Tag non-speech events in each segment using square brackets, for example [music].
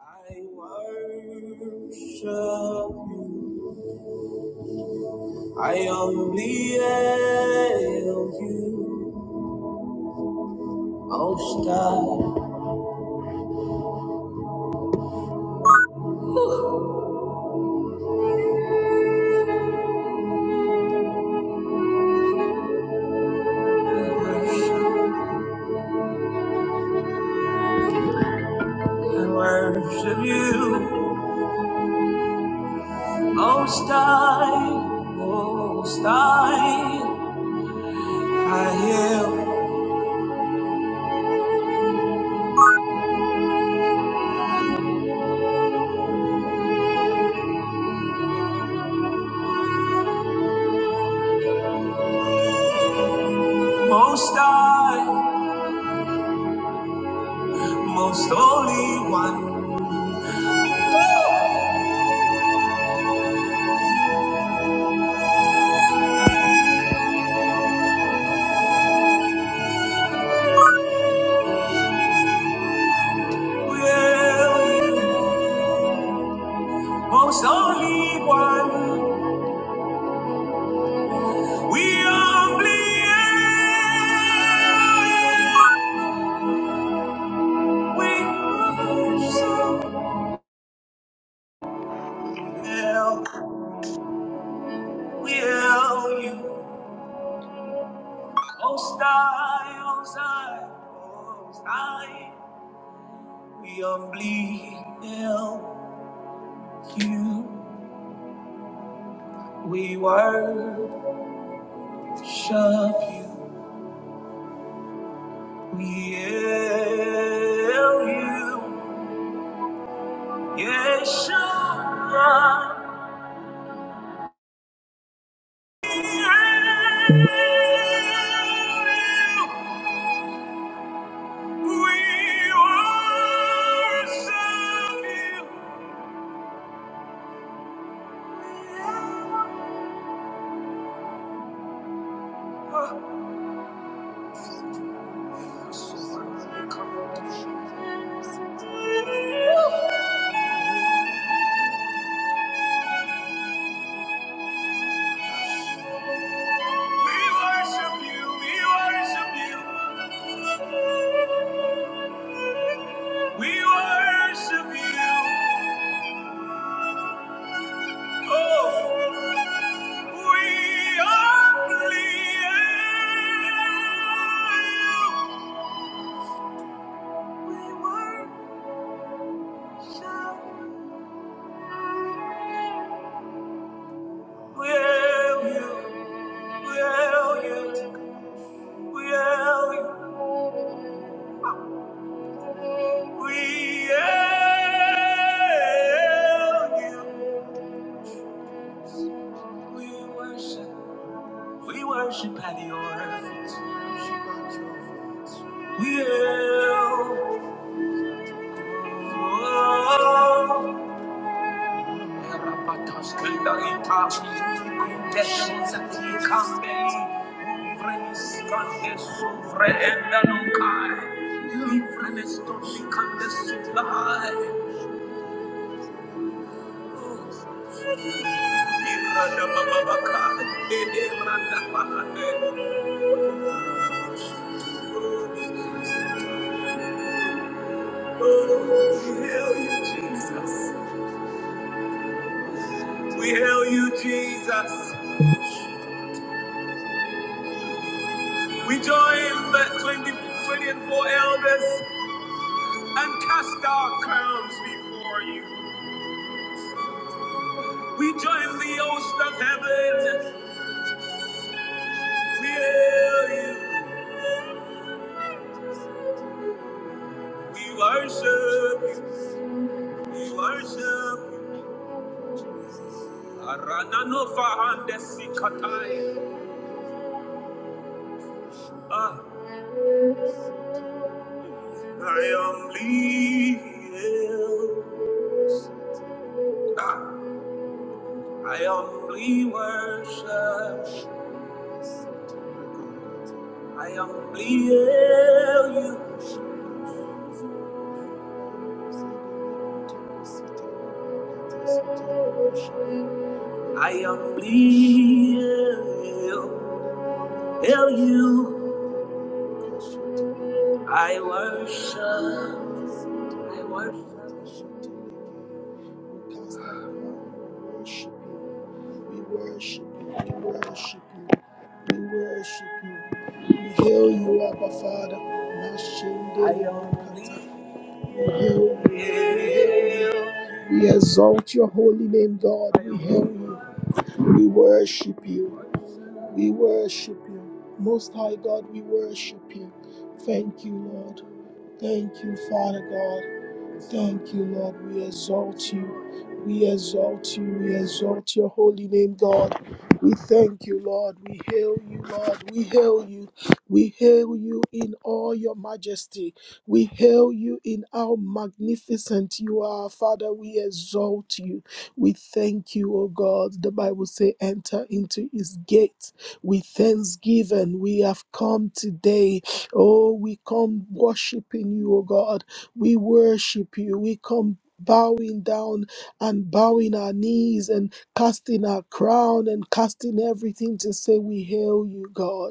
I worship you. I only hail you. Most high. I worship I worship you. Most high, most high. I hail. Most high, most holy one. We Hail you? Most holy one. We humbly hail, we worship, hail, we hail you. Most high, most high, most high. We humbly hail you, we worship you, we hail you. Yeshua, We worship you? will you, will you. We hail you. We worship. We worship at your feet. We hail. Oh, We hail you, Jesus. We hail you, Jesus. We join the 20, 24 elders and cast our crowns before you. We join the host of heaven. We hail you. We worship you. We worship you. Aranano fahandesi katai. Ah, I am leaving. Ah, I am worship. I am hail you. I am real. Hail you. I worship. I worship. We worship you. We worship you. We worship you. We hail you, Abba Father. I am bakata. We hail you. We hail you. We exalt your holy name, God. We hail you. We worship you. We worship you. Most High God, we worship you. Thank you, Lord. Thank you, Father God. Thank you, Lord. We exalt you. We exalt you. We exalt your holy name, God. We thank you, Lord. We hail you, Lord. We hail you. We hail you in all your majesty. We hail you in how magnificent you are, Father. We exalt you. We thank you, O God. The Bible says, enter into his gate with thanksgiving. We have come today Oh, we come worshiping you, O God. We worship you. We come bowing down and bowing our knees and casting our crown and casting everything to say we hail you god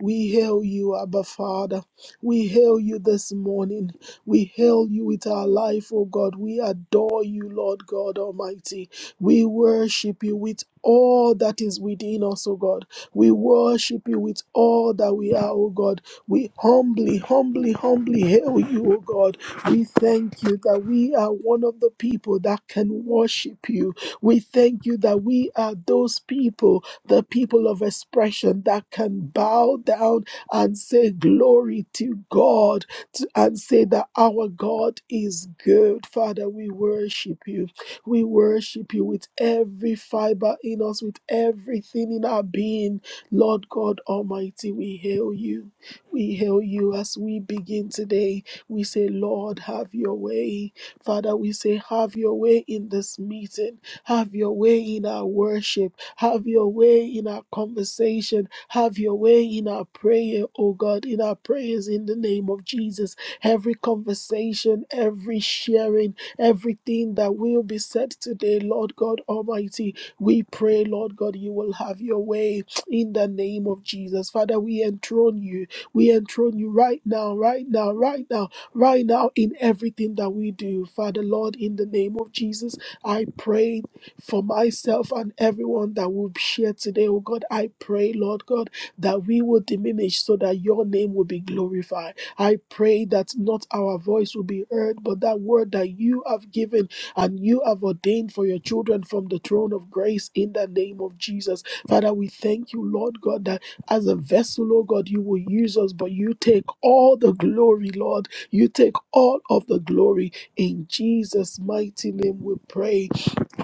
we hail you, Abba Father. We hail you this morning. We hail you with our life, O God. We adore you, Lord God Almighty. We worship you with all that is within us, O God. We worship you with all that we are, O God. We humbly, humbly, humbly hail you, O God. We thank you that we are one of the people that can worship you. We thank you that we are those people the people of expression that can bow down and say glory to God to- and say that our God is good. Father, we worship you. We worship you with every fiber in us, with everything in our being. Lord God Almighty, we hail you. We hail you as we begin today. We say, Lord, have your way. Father, we say, have your way in this meeting. Have your way in our worship have your way in our conversation. Have your way in our prayer, oh God, in our prayers in the name of Jesus. Every conversation, every sharing, everything that will be said today, Lord God Almighty, we pray, Lord God, you will have your way in the name of Jesus. Father, we enthrone you. We enthrone you right now, right now, right now, right now in everything that we do. Father, Lord, in the name of Jesus, I pray for myself and everyone that will share today, oh God. I pray, Lord God, that we will diminish so that your name will be glorified. I pray that not our voice will be heard, but that word that you have given and you have ordained for your children from the throne of grace in the name of Jesus. Father, we thank you, Lord God, that as a vessel, oh God, you will use us, but you take all the glory, Lord. You take all of the glory. In Jesus' mighty name we pray.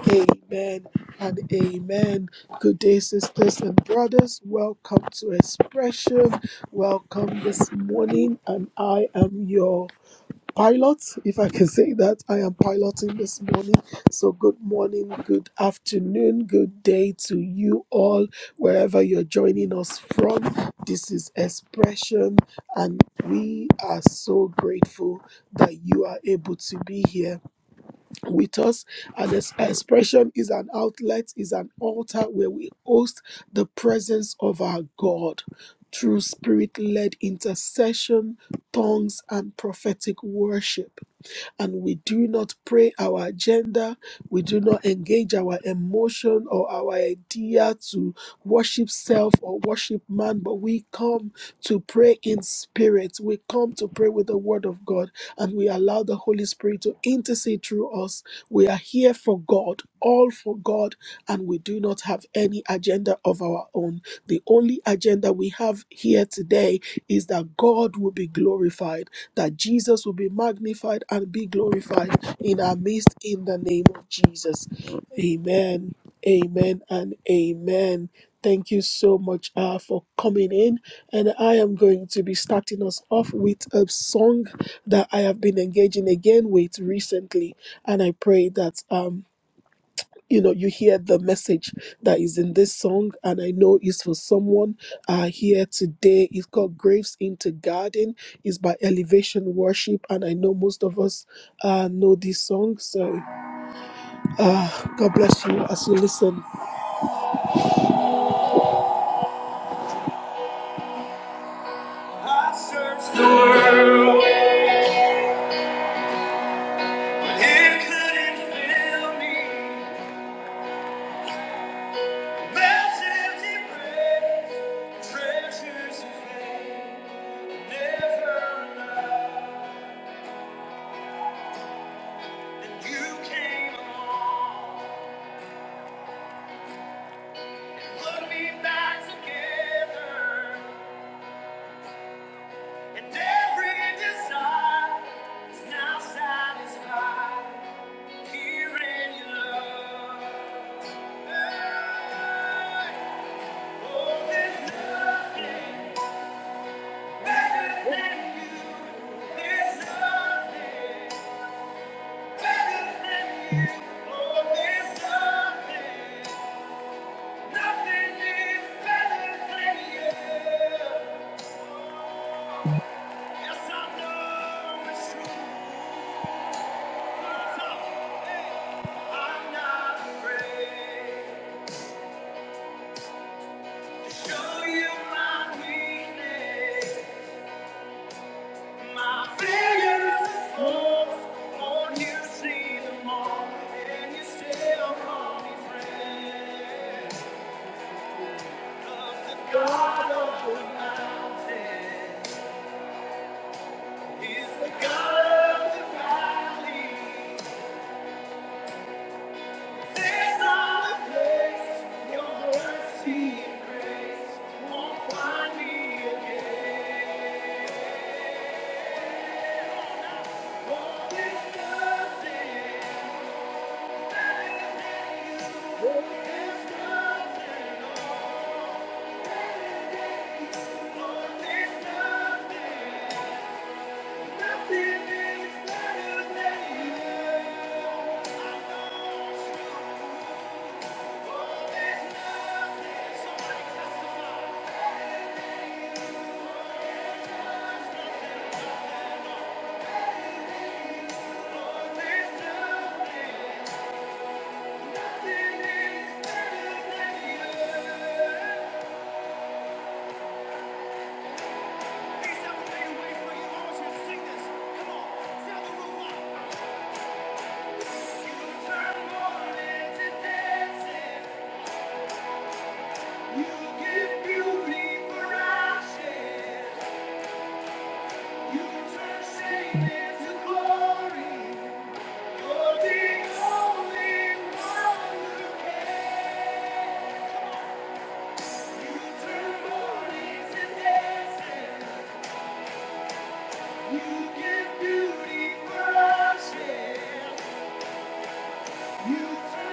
Amen and amen. Good day, sisters and brothers. Welcome to Expression. Welcome this morning, and I am your pilot, if I can say that. I am piloting this morning. So, good morning, good afternoon, good day to you all, wherever you're joining us from. This is Expression, and we are so grateful that you are able to be here with us. And this expression is an outlet, is an altar where we host the presence of our God through spirit led intercession, tongues, and prophetic worship and we do not pray our agenda, we do not engage our emotion or our idea to worship self or worship man, but we come to pray in spirit. We come to pray with the word of God and we allow the Holy Spirit to intercede through us. We are here for God, all for God, and we do not have any agenda of our own. The only agenda we have here today is that God will be glorified that Jesus will be magnified and be glorified in our midst in the name of Jesus. Amen. Amen and amen. Thank you so much uh, for coming in. And I am going to be starting us off with a song that I have been engaging again with recently. And I pray that um, you know you hear the message that is in this song and i know it's for someone uh here today it's called graves into garden it's by elevation worship and i know most of us uh know this song so uh god bless you as you listen I searched the world, it couldn't fill me. There's empty praise, treasures of fame, never enough. And you came along. Put me back together, and every desire is now satisfied here in your love. Oh, there's nothing better than you. There's nothing better than you. Oh, there's nothing, nothing is better than you. Yes, I know it's true. I'm not afraid. Show you my weakness, my failures and flaws. not you see them all? And you still call me friend. 'Cause the God of the mountain is the God of the valley. There's not a place your mercy and grace won't find me again. All is nothing, that is in you. All nothing, all that is in you. All is nothing. Come on, sound the room up.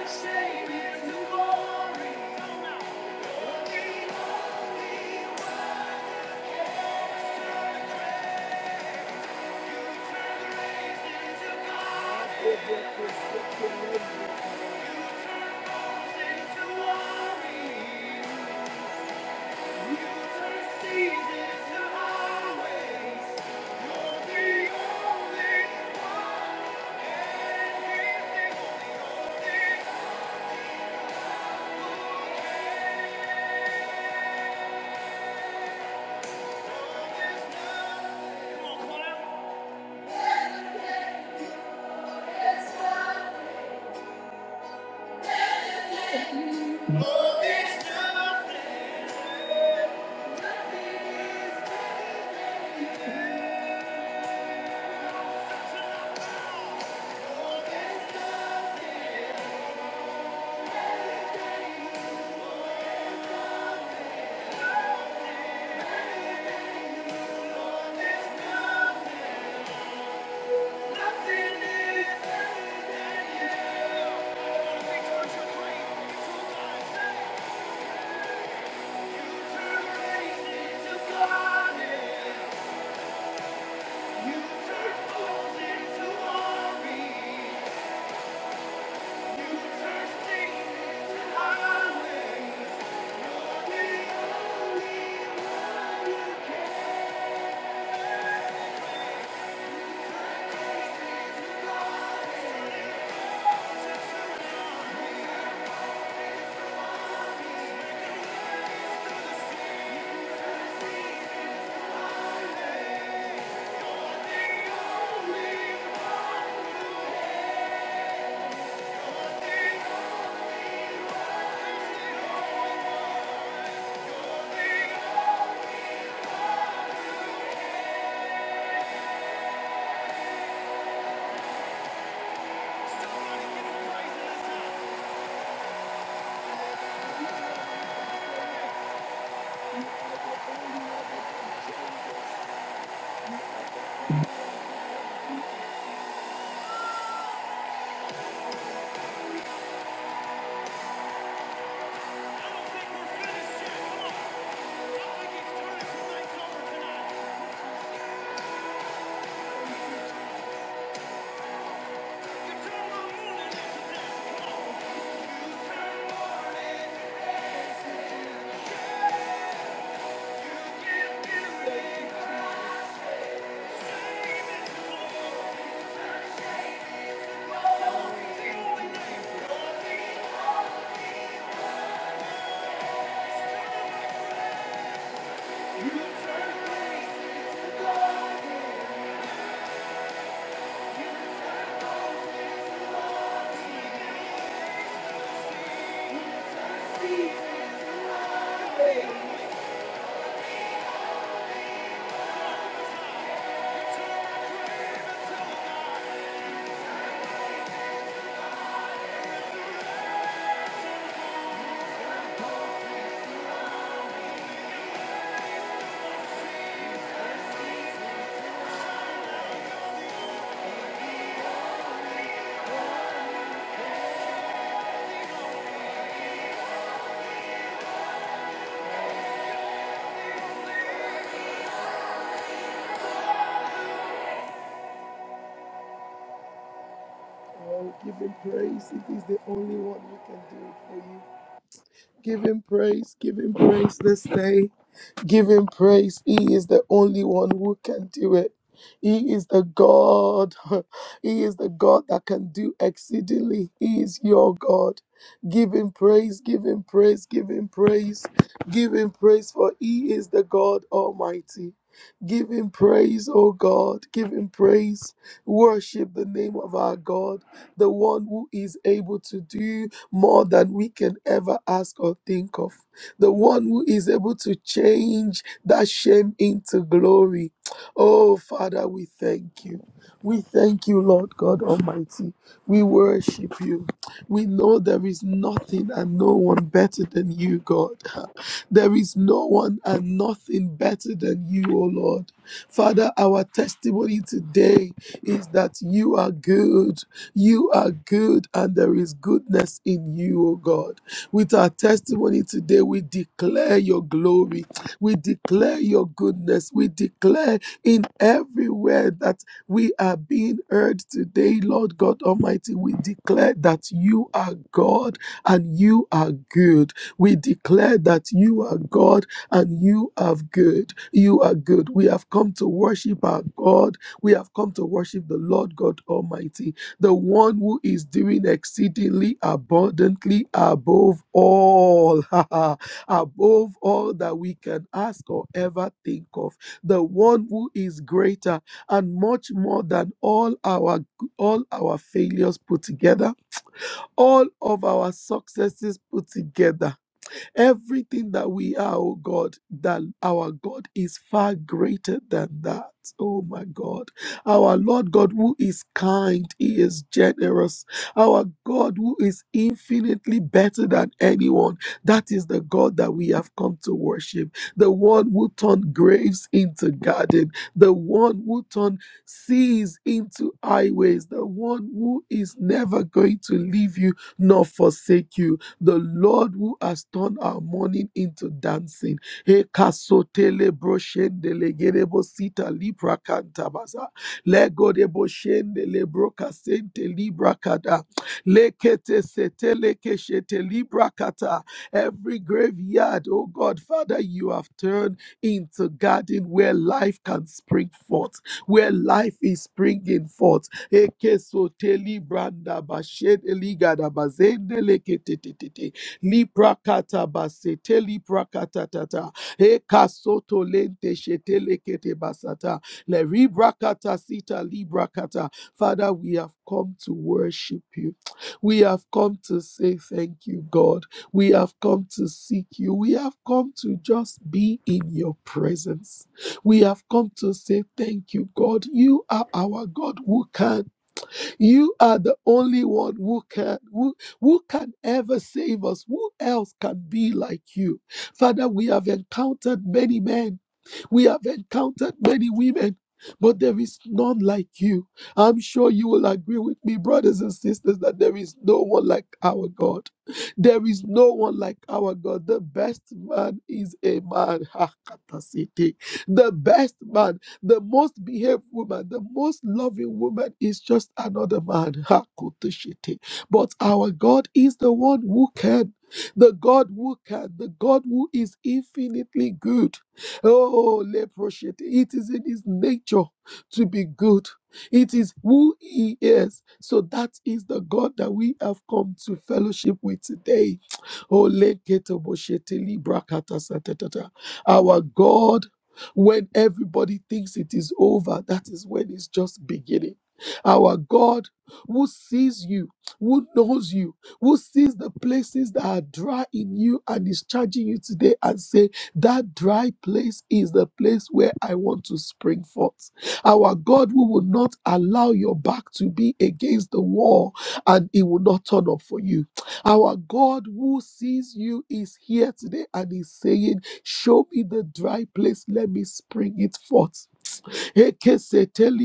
Shame into glory. Come on. Holy, holy, Come on, choir. Oh, there's nothing, oh, there's nothing, oh, there's nothing, nothing is better than you. I wanna be towards You turn grace into garden, you turn fools into glory. Tonight. You turn my morning into you turn morning into dancing. Oh, give him praise. It is the only one who can do it for you. Give him praise. Give him praise this day. Give him praise. He is the only one who can do it. He is the God. [laughs] He is the God that can do exceedingly. He is your God. Give him praise. Give him praise. Give him praise. Give him praise for he is the God Almighty. Give him praise, O God. Give him praise. Worship the name of our God the one who is able to do more than we can ever ask or think of, the one who is able to change that shame into glory. Oh, Father, we thank you. We thank you, Lord God Almighty. We worship you. We know there is nothing and no one better than you, God. [laughs] There is no one and nothing better than you, O Lord. Father, our testimony today is that you are good. You are good, and there is goodness in you, O God. With our testimony today, we declare your your glory. We declare your goodness. We declare in everywhere that we are being heard today, Lord God Almighty. We declare that you are God and you are good. We declare that you are God and you are good. You are good. We have come to worship our God. We have come to worship the Lord God Almighty, the one who is doing exceedingly abundantly above all. [laughs] above all that we can ask or ever think of the one who is greater and much more than all our all our failures put together all of our successes put together Everything that we are, oh God, that our God is far greater than that. Oh my God. Our Lord God, who is kind, He is generous. Our God, who is infinitely better than anyone. That is the God that we have come to worship. The one who turned graves into garden. The one who turned seas into highways. The one who is never going to leave you nor forsake you the Lord who has turned our mourning into dancing. He kasotele broshendele gerebo sita libra kantabasa. Lego de boshendele brokasente libra kada. Lekete setele keshete libra kata. Every graveyard, oh God, Father, you have turned into garden where life can spring forth, where life is springing forth. Ekesoteli branda bashed eligada bazende leketetete. Liprakata basete liprakata tata. Ekasoto lente shete lekete basata. Le ribrakata sita librakata. Father, we have come to worship you. We have come to say thank you, God. We have come to seek you. We have come to just be in your presence. We have come to say thank you, God. You are our God who can. You are the only one who can who, who can ever save us. Who else can be like you? Father, we have encountered many men we have encountered many women, but there is none like you. I'm sure you will agree with me, brothers and sisters, that there is no one like our God. There is no one like our God. The best man is a man. Hakatasete. The best man, the most behaved woman, the most loving woman is just another man. Hakotoshete. But our God is the one who can the God who can, the God who is infinitely good. Oh, leproshete. It is in his nature to be good. It is who he is. So that is the God that we have come to fellowship with today. Oh, leketoboshete librakatasatata. Our God, when everybody thinks it is over, that is when it's just beginning. Our God who sees you, who knows you, who sees the places that are dry in you and is charging you today and saying, that dry place is the place where I want to spring forth. Our God, who will not allow your back to be against the wall and it will not turn up for you. Our God who sees you is here today and is saying, Show me the dry place, let me spring it forth. Eke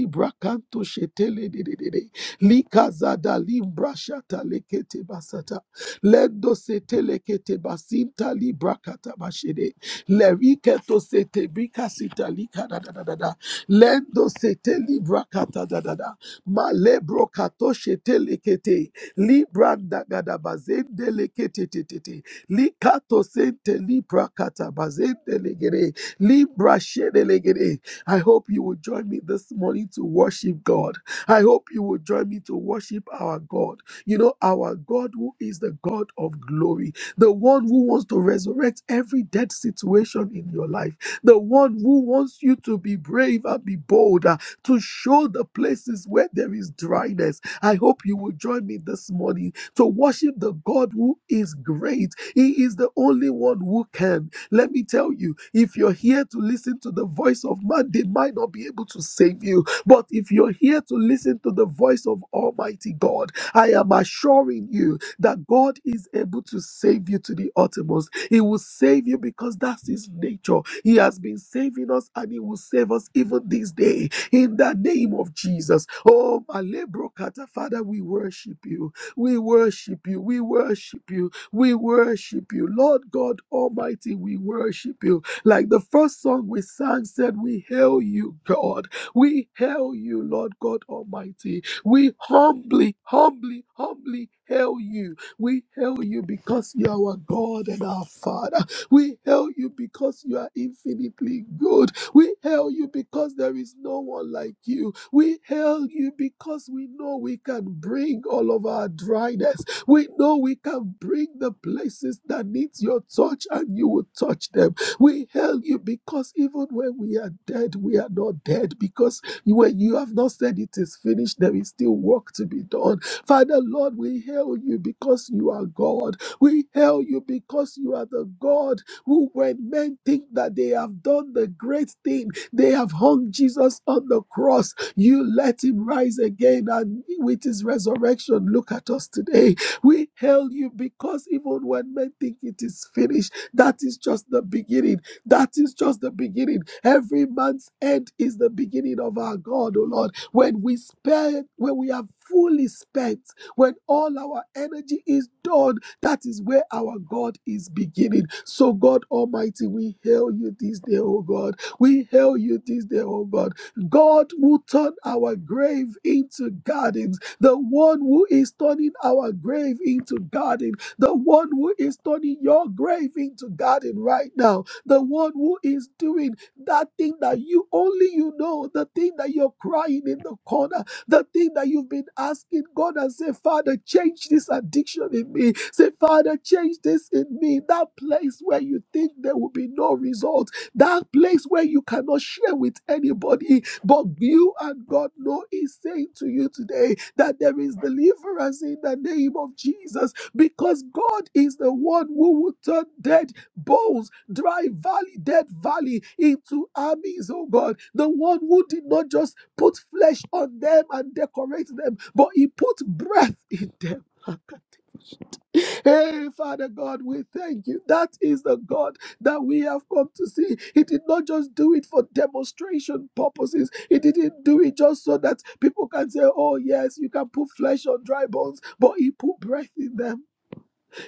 brakanto shetele dededede. Lika limbra shata lekete basata. Lendo setele kete basinta libra Lerike to sete bika sita lika da da da da da. Lendo sete libra kata da da da. Malebro kato shete lekete. Libra da gada bazende lekete te te te. Likato sente libra kata bazende legere. Libra shede legere. I hope you will join me this morning to worship God. I hope you will join me to worship our God. You know, our God, who is the God of glory, the one who wants to resurrect every dead situation in your life, the one who wants you to be brave and be bold, uh, to show the places where there is dryness. I hope you will join me this morning to worship the God who is great. He is the only one who can. Let me tell you, if you're here to listen to the voice of man, they might not be able to save you but if you're here to listen to the voice of Almighty God, I am assuring you that God is able to save you to the uttermost. He will save you because that's His nature. He has been saving us and He will save us even this day in the name of Jesus. Oh, Malebrokata, Father, we worship you. We worship you. We worship you. We worship you. Lord God Almighty, we worship you. Like the first song we sang said, We hail you, God. We hail you, Lord God Almighty. We humbly, humbly, humbly hail you. We hail you because you are our God and our Father. We hail you because you are infinitely good. We hail you because there is no one like you. We hail you because we know we can bring all of our dryness. We know we can bring the places that needs your touch and you will touch them. We hail you because even when we are dead, we are not dead because when you have not said it is finished, there is still work to be done. Father, Lord, we hail you because you are God. We hail you because you are the God who, when men think that they have done the great thing, they have hung Jesus on the cross. You let him rise again, and with his resurrection, look at us today. We hail you because even when men think it is finished, that is just the beginning. That is just the beginning. Every man's end is the beginning of our God, O Lord. When we spend, when we have fully spent, when all our energy is done, that is where our God is beginning. So, God Almighty, we hail you this day, O God. We hail you this day, O God. God will turn our grave into gardens. The one who is turning our grave into gardens the one who is turning your grave into garden right now, the one who is doing that thing that you only you know, the thing that you're crying in the corner, the thing that you've been asking God and say, Father, change this addiction in me. Say, Father, change this in me. That place where you think there will be no result, that place where you cannot share with anybody, but you and God know is saying to you today that there is deliverance in the name of Jesus because God is the one who will turn dead bones, dry valley, dead valley into armies, oh God. The one who did not just put flesh on them and decorate them, but he put breath in them. [laughs] Hey, Father God, we thank you. That is the God that we have come to see. He did not just do it for demonstration purposes, He didn't do it just so that people can say, Oh, yes, you can put flesh on dry bones, but He put breath in them.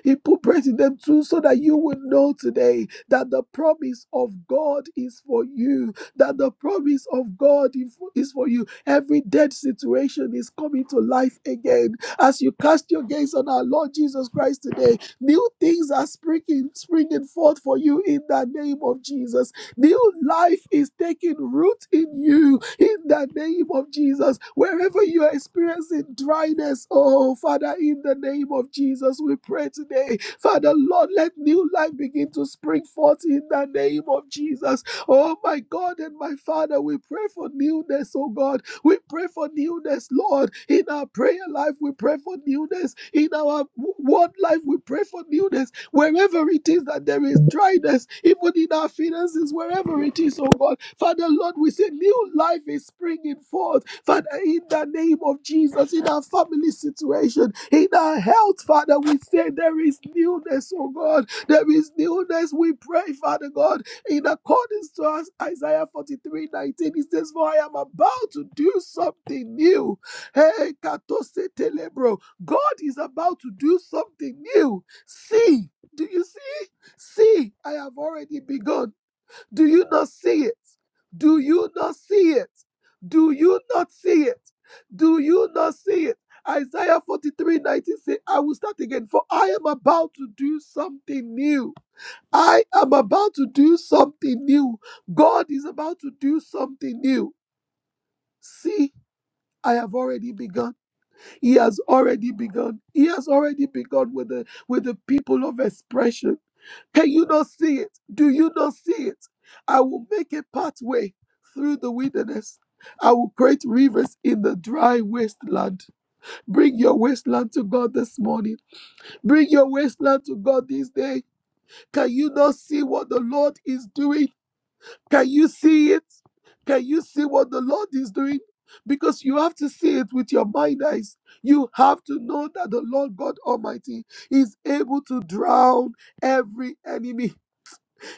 He put breath in them too so that you will know today that the promise of God is for you, that the promise of God is for is for you. Every dead situation is coming to life again. As you cast your gaze on our Lord Jesus Christ today, new things are springing, springing forth for you in the name of Jesus. New life is taking root in you in the name of Jesus. Wherever you are experiencing dryness, oh Father, in the name of Jesus, we pray today. Father, Lord, let new life begin to spring forth in the name of Jesus. Oh my God and my Father, we pray for newness, oh God. We pray for newness, Lord. In our prayer life, we pray for newness. In our word life, we pray for newness wherever it is that there is dryness, even in our finances, wherever it is, oh God. Father, Lord, we say new life is springing forth. Father, in the name of Jesus, in our family situation, in our health, Father, we say there is newness, oh God. There is newness. We pray, Father God, in accordance to us, Isaiah forty-three nineteen, 19. It says, For I am about to do something new. Hey, katose telebro. God is about to do something new. See. Do you see? See, I have already begun. Do you not see it? Do you not see it? Do you not see it? Do you not see it? Isaiah 43 19 says, I will start again, for I am about to do something new. I am about to do something new. God is about to do something new. See, I have already begun. He has already begun. He has already begun with the with the people of expression. Can you not see it? Do you not see it? I will make a pathway through the wilderness. I will create rivers in the dry wasteland. Bring your wasteland to God this morning. Bring your wasteland to God this day. Can you not see what the Lord is doing? Can you see it? Can you see what the Lord is doing? Because you have to see it with your mind eyes. You have to know that the Lord God Almighty is able to drown every enemy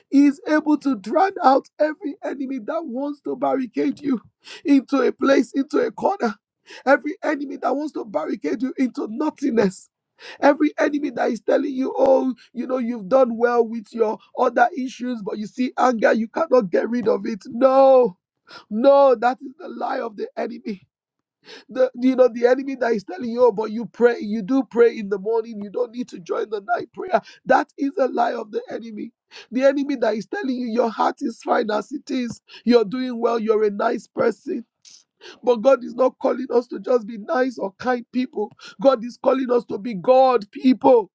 he is able to drown out every enemy that wants to barricade you into a place, into a corner. Every enemy that wants to barricade you into nothingness. Every enemy that is telling you, oh, you know, you've done well with your other issues, but you see anger, you cannot get rid of it. No, no, that is the lie of the enemy the you know the enemy that is telling you, oh, but you pray, you do pray in the morning, you don't need to join the night prayer. That is a lie of the enemy. The enemy that is telling you your heart is fine as it is, you're doing well, you're a nice person. But God is not calling us to just be nice or kind people. God is calling us to be God people.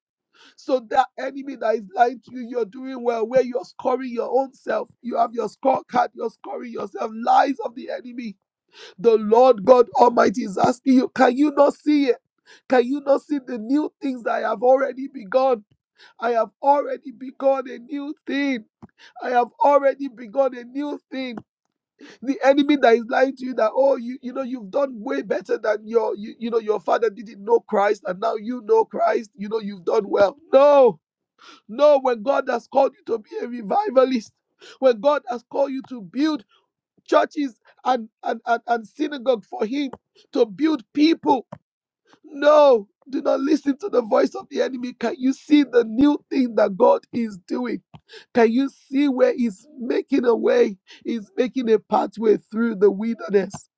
So that enemy that is lying to you, you're doing well, where you're scoring your own self. You have your scorecard, you're scoring yourself. Lies of the enemy the Lord God Almighty is asking you, can you not see it? Can you not see the new things that I have already begun? I have already begun a new thing. I have already begun a new thing. The enemy that is lying to you that, oh, you, you know, you've done way better than your, you, you know, your father didn't know Christ and now you know Christ, you know, you've done well. No, no, when God has called you to be a revivalist, when God has called you to build churches and, and, and, and synagogue for him to build people. No, do not listen to the voice of the enemy. Can you see the new thing that God is doing? Can you see where He's making a way? He's making a pathway through the wilderness.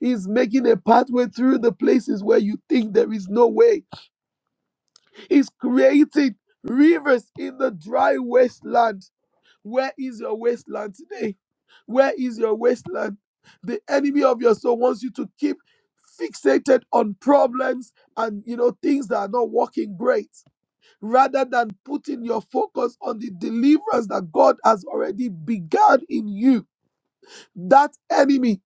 He's making a pathway through the places where you think there is no way. He's creating rivers in the dry wasteland. Where is your wasteland today? Where is your wasteland? The enemy of your soul wants you to keep fixated on problems and you know things that are not working great rather than putting your focus on the deliverance that God has already begun in you. That enemy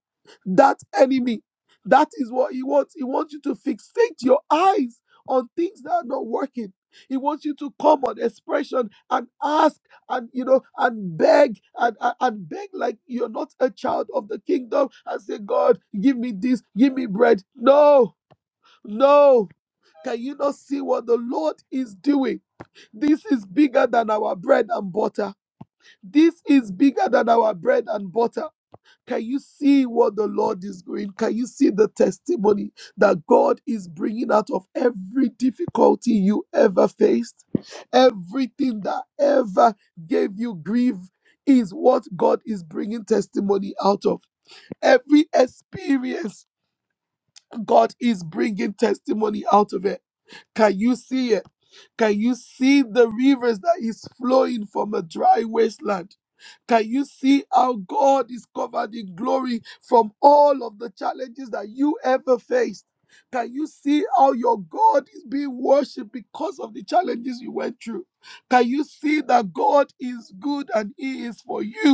that enemy. That is what he wants. He wants you to fixate your eyes on things that are not working. He wants you to come on expression and ask and you know and beg and, and, and beg like you're not a child of the kingdom and say, God, give me this, give me bread. No, no. Can you not see what the Lord is doing? This is bigger than our bread and butter. This is bigger than our bread and butter. Can you see what the Lord is doing? Can you see the testimony that God is bringing out of every difficulty you ever faced? Everything that ever gave you grief is what God is bringing testimony out of. Every experience, God is bringing testimony out of it. Can you see it? Can you see the rivers that is flowing from a dry wasteland? Can you see how God is covered in glory from all of the challenges that you ever faced? Can you see how your God is being worshipped because of the challenges you went through? Can you see that God is good and He is for you?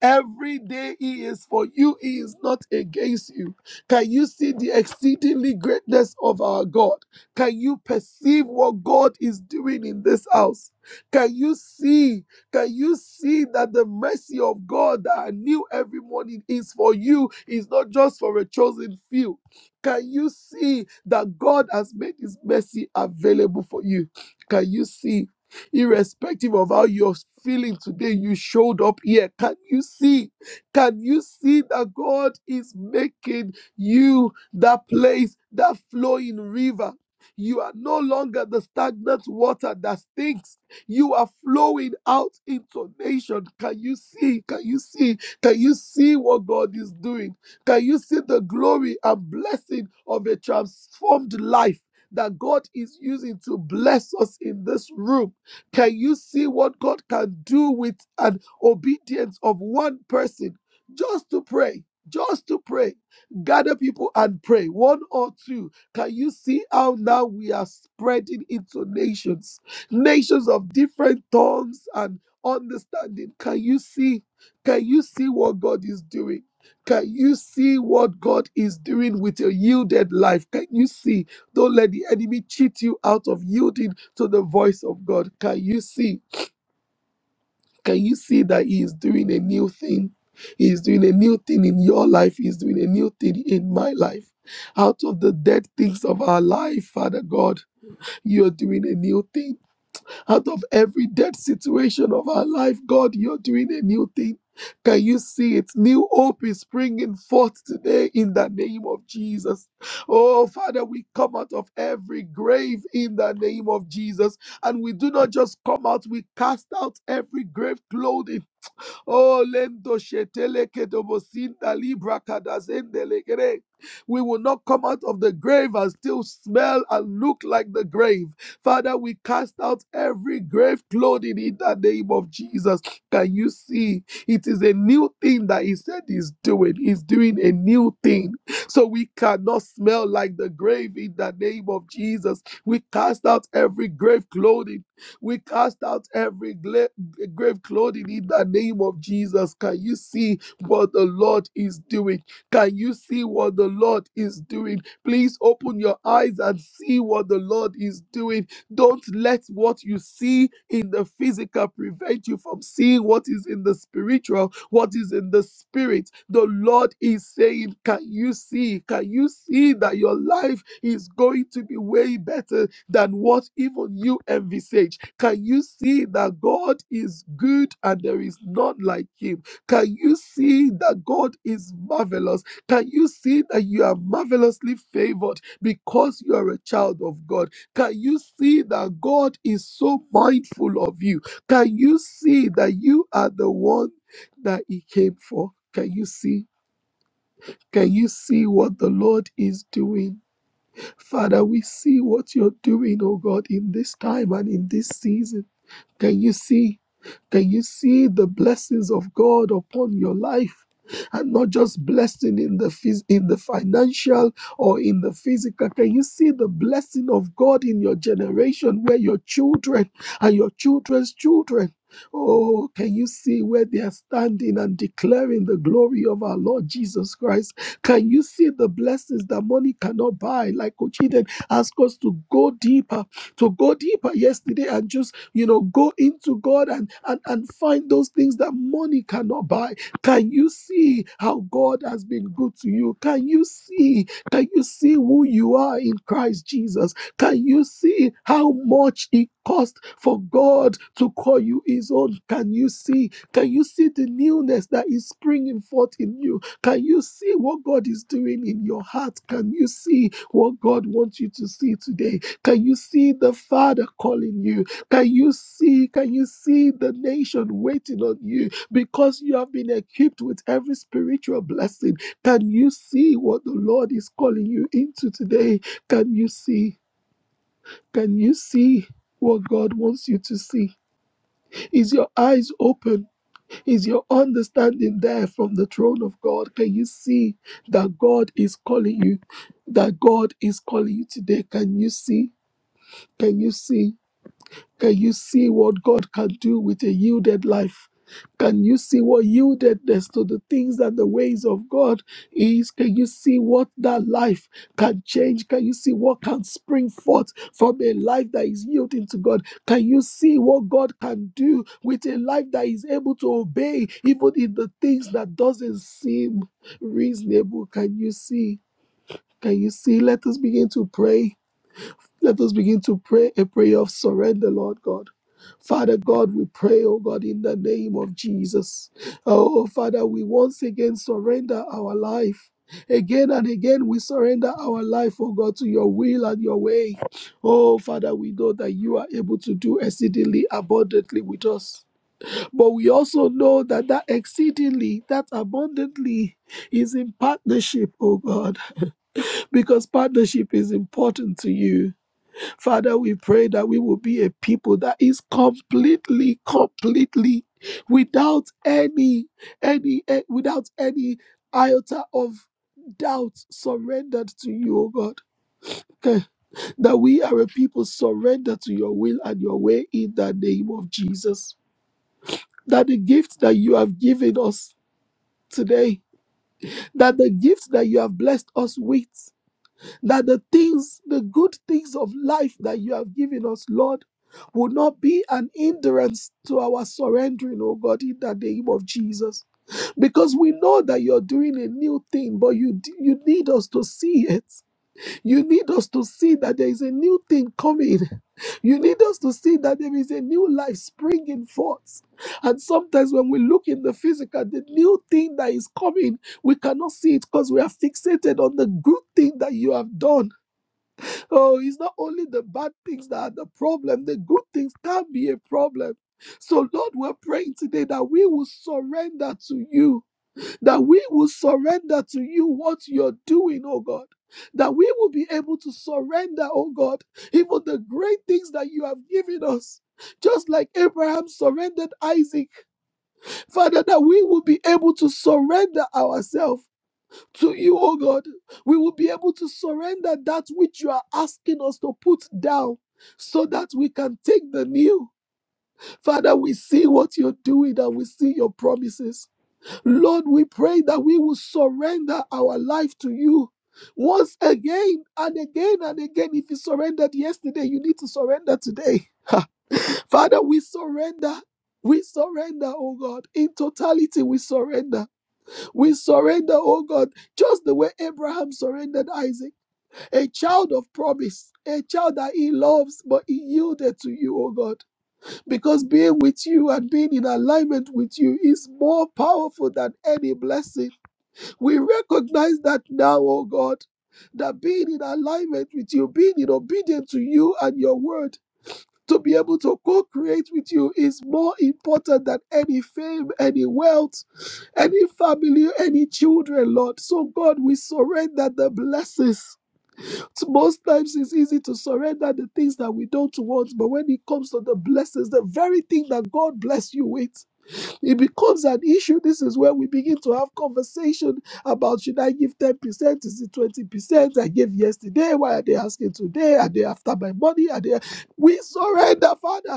Every day He is for you, He is not against you. Can you see the exceedingly greatness of our God? Can you perceive what God is doing in this house? Can you see? Can you see that the mercy of God that I knew every morning is for you, is not just for a chosen few? Can you see that God has made his mercy available for you? Can you see irrespective of how you're feeling today, you showed up here. Can you see? Can you see that God is making you that place, that flowing river? You are no longer the stagnant water that stinks. You are flowing out into nation. Can you see? Can you see? Can you see what God is doing? Can you see the glory and blessing of a transformed life that God is using to bless us in this room? Can you see what God can do with an obedience of one person just to pray? Just to pray. Gather people and pray. One or two. Can you see how now we are spreading into nations? Nations of different tongues and understanding. Can you see? Can you see what God is doing? Can you see what God is doing with your yielded life? Can you see? Don't let the enemy cheat you out of yielding to the voice of God. Can you see? Can you see that He is doing a new thing? He is doing a new thing in your life. He is doing a new thing in my life. Out of the dead things of our life, Father God, you are doing a new thing. Out of every dead situation of our life, God, you're doing a new thing. Can you see it? New hope is springing forth today in the name of Jesus. Oh, Father, we come out of every grave in the name of Jesus. And we do not just come out, we cast out every grave clothed in Oh, lendo shetele kedobosinda libra kadazende legere. We will not come out of the grave and still smell and look like the grave. Father, we cast out every grave clothing in the name of Jesus. Can you see? It is a new thing that He said He's doing. He's doing a new thing. So we cannot smell like the grave in the name of Jesus. We cast out every grave clothing we cast out every gla- grave clothing in the name of Jesus. Can you see what the Lord is doing? Can you see what the Lord is doing? Please open your eyes and see what the Lord is doing. Don't let what you see in the physical prevent you from seeing what is in the spiritual, what is in the spirit. The Lord is saying, Can you see? Can you see that your life is going to be way better? than what even you envisage? Can you see that God is good and there is none like him? Can you see that God is marvelous? Can you see that you are marvelously favored because you are a child of God? Can you see that God is so mindful of you? Can you see that you are the one that he came for? Can you see? Can you see what the Lord is doing? Father, we see what you're doing, oh God, in this time and in this season. Can you see? Can you see the blessings of God upon your life? And not just blessing in the phys- in the financial or in the physical. Can you see the blessing of God in your generation, where your children and your children's children? Oh, can you see where they are standing and declaring the glory of our Lord Jesus Christ? Can you see the blessings that money cannot buy? Like Ochiden asked us to go deeper to go deeper yesterday and just, you know, go into God and, and, and find those things that money cannot buy. Can you see how God has been good to you? Can you see? Can you see who you are in Christ Jesus? Can you see how much it cost for God to call you his own? Can you see? Can you see the newness that is springing forth in you? Can you see what God is doing in your heart? Can you see what God wants you to see today? Can you see the Father calling you? Can you see? Can you see the nation waiting on you because you have been equipped with every spiritual blessing? Can you see what the Lord is calling you into today? Can you see? Can you see? What God wants you to see. Is your eyes open? Is your understanding there from the throne of God? Can you see that God is calling you? That God is calling you today? Can you see? Can you see? Can you see what God can do with a yielded life? Can you see what yieldedness to the things and the ways of God is? Can you see what that life can change? Can you see what can spring forth from a life that is yielding to God? Can you see what God can do with a life that is able to obey even in the things that doesn't seem reasonable? Can you see? Can you see? Let us begin to pray. Let us begin to pray a prayer of surrender, Lord God. Father God, we pray, oh God, in the name of Jesus. Oh, Father, we once again surrender our life. Again and again, we surrender our life, oh God, to your will and your way. Oh, Father, we know that you are able to do exceedingly abundantly with us. But we also know that that exceedingly, that abundantly is in partnership, oh God, because partnership is important to you. Father, we pray that we will be a people that is completely, completely without any, any, eh, without any iota of doubt surrendered to you, O God. Okay. That we are a people surrendered to your will and your way in the name of Jesus. That the gift that you have given us today, that the gift that you have blessed us with. that the things, the good things of life that you have given us, Lord, will not be an hindrance to our surrendering, oh God, in the name of Jesus. Because we know that you're doing a new thing, but you you need us to see it. You need us to see that there is a new thing coming. You need us to see that there is a new life springing forth. And sometimes when we look in the physical, the new thing that is coming, we cannot see it because we are fixated on the good thing that you have done Oh, it's not only the bad things that are the problem, the good things can be a problem. So, Lord, we're praying today that we will surrender to you, that we will surrender to you what you're doing, oh God. That we will be able to surrender, oh God, even the great things that you have given us. Just like Abraham surrendered Isaac, Father, that we will be able to surrender ourselves to you, oh God. We will be able to surrender that which you are asking us to put down so that we can take the new. Father, we see what you're doing and we see your promises. Lord, we pray that we will surrender our life to you. Once again and again and again, if you surrendered yesterday, you need to surrender today. Ha. Father, we surrender. We surrender, oh God. In totality, we surrender. We surrender, oh God, just the way Abraham surrendered Isaac, a child of promise, a child that he loves, but he yielded to you, oh God. Because being with you and being in alignment with you is more powerful than any blessing. We recognize that now, oh God. That being in alignment with you, being in obedience to you and your word to be able to co-create with you is more important than any fame, any wealth, any family, any children, Lord. So God, we surrender the blessings. Most times it's easy to surrender the things that we don't want, but when it comes to the blessings, the very thing that God bless you with. It becomes an issue. This is where we begin to have conversation about should I give 10%? Is it 20%? I gave yesterday. Why are they asking today? Are they after my money? Are they we surrender, Father.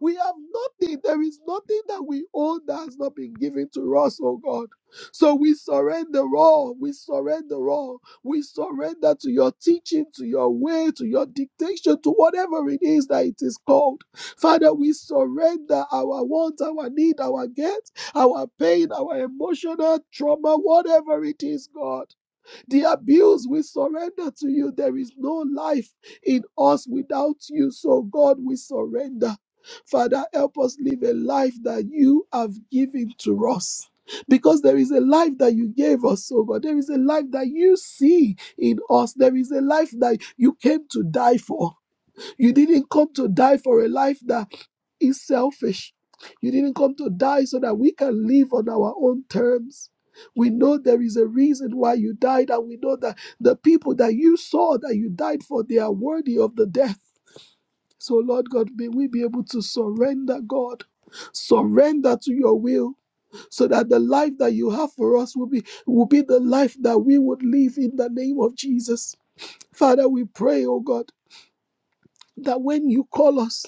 We have nothing. There is nothing that we own that has not been given to us, oh God. So we surrender all. We surrender all. We surrender to your teaching, to your way, to your dictation, to whatever it is that it is called. Father, we surrender our want, our need, our get, our pain, our emotional trauma, whatever it is, God. The abuse we surrender to you. There is no life in us without you. So, God, we surrender. Father, help us live a life that you have given to us. Because there is a life that you gave us, oh God. There is a life that you see in us. There is a life that you came to die for. You didn't come to die for a life that is selfish. You didn't come to die so that we can live on our own terms. We know there is a reason why you died, and we know that the people that you saw that you died for, they are worthy of the death. So, Lord God, may we be able to surrender, God. Surrender to your will so that the life that you have for us will be will be the life that we would live in the name of Jesus. Father, we pray, oh God, that when you call us,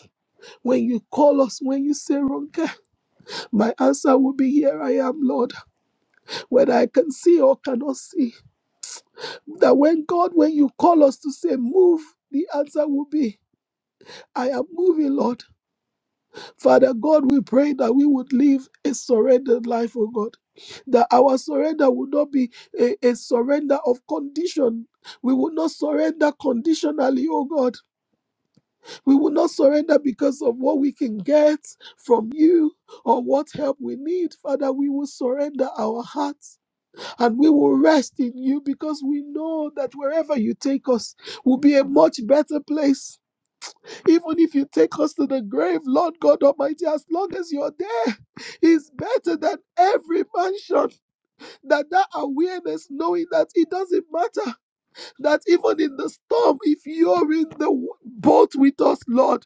when you call us, when you say, Ronke, My answer will be here I am, Lord, whether I can see or cannot see. That when God, when you call us to say move, the answer will be I am moving, Lord. Father God, we pray that we would live a surrendered life, oh God. That our surrender would not be a, a surrender of condition. We would not surrender conditionally, oh God. We would not surrender because of what we can get from you or what help we need. Father, we will surrender our hearts and we will rest in you because we know that wherever you take us will be a much better place. Even if you take us to the grave, Lord God Almighty, as long as you're there, is better than every mansion. That that awareness, knowing that it doesn't matter, that even in the storm, if you're in the boat with us, Lord,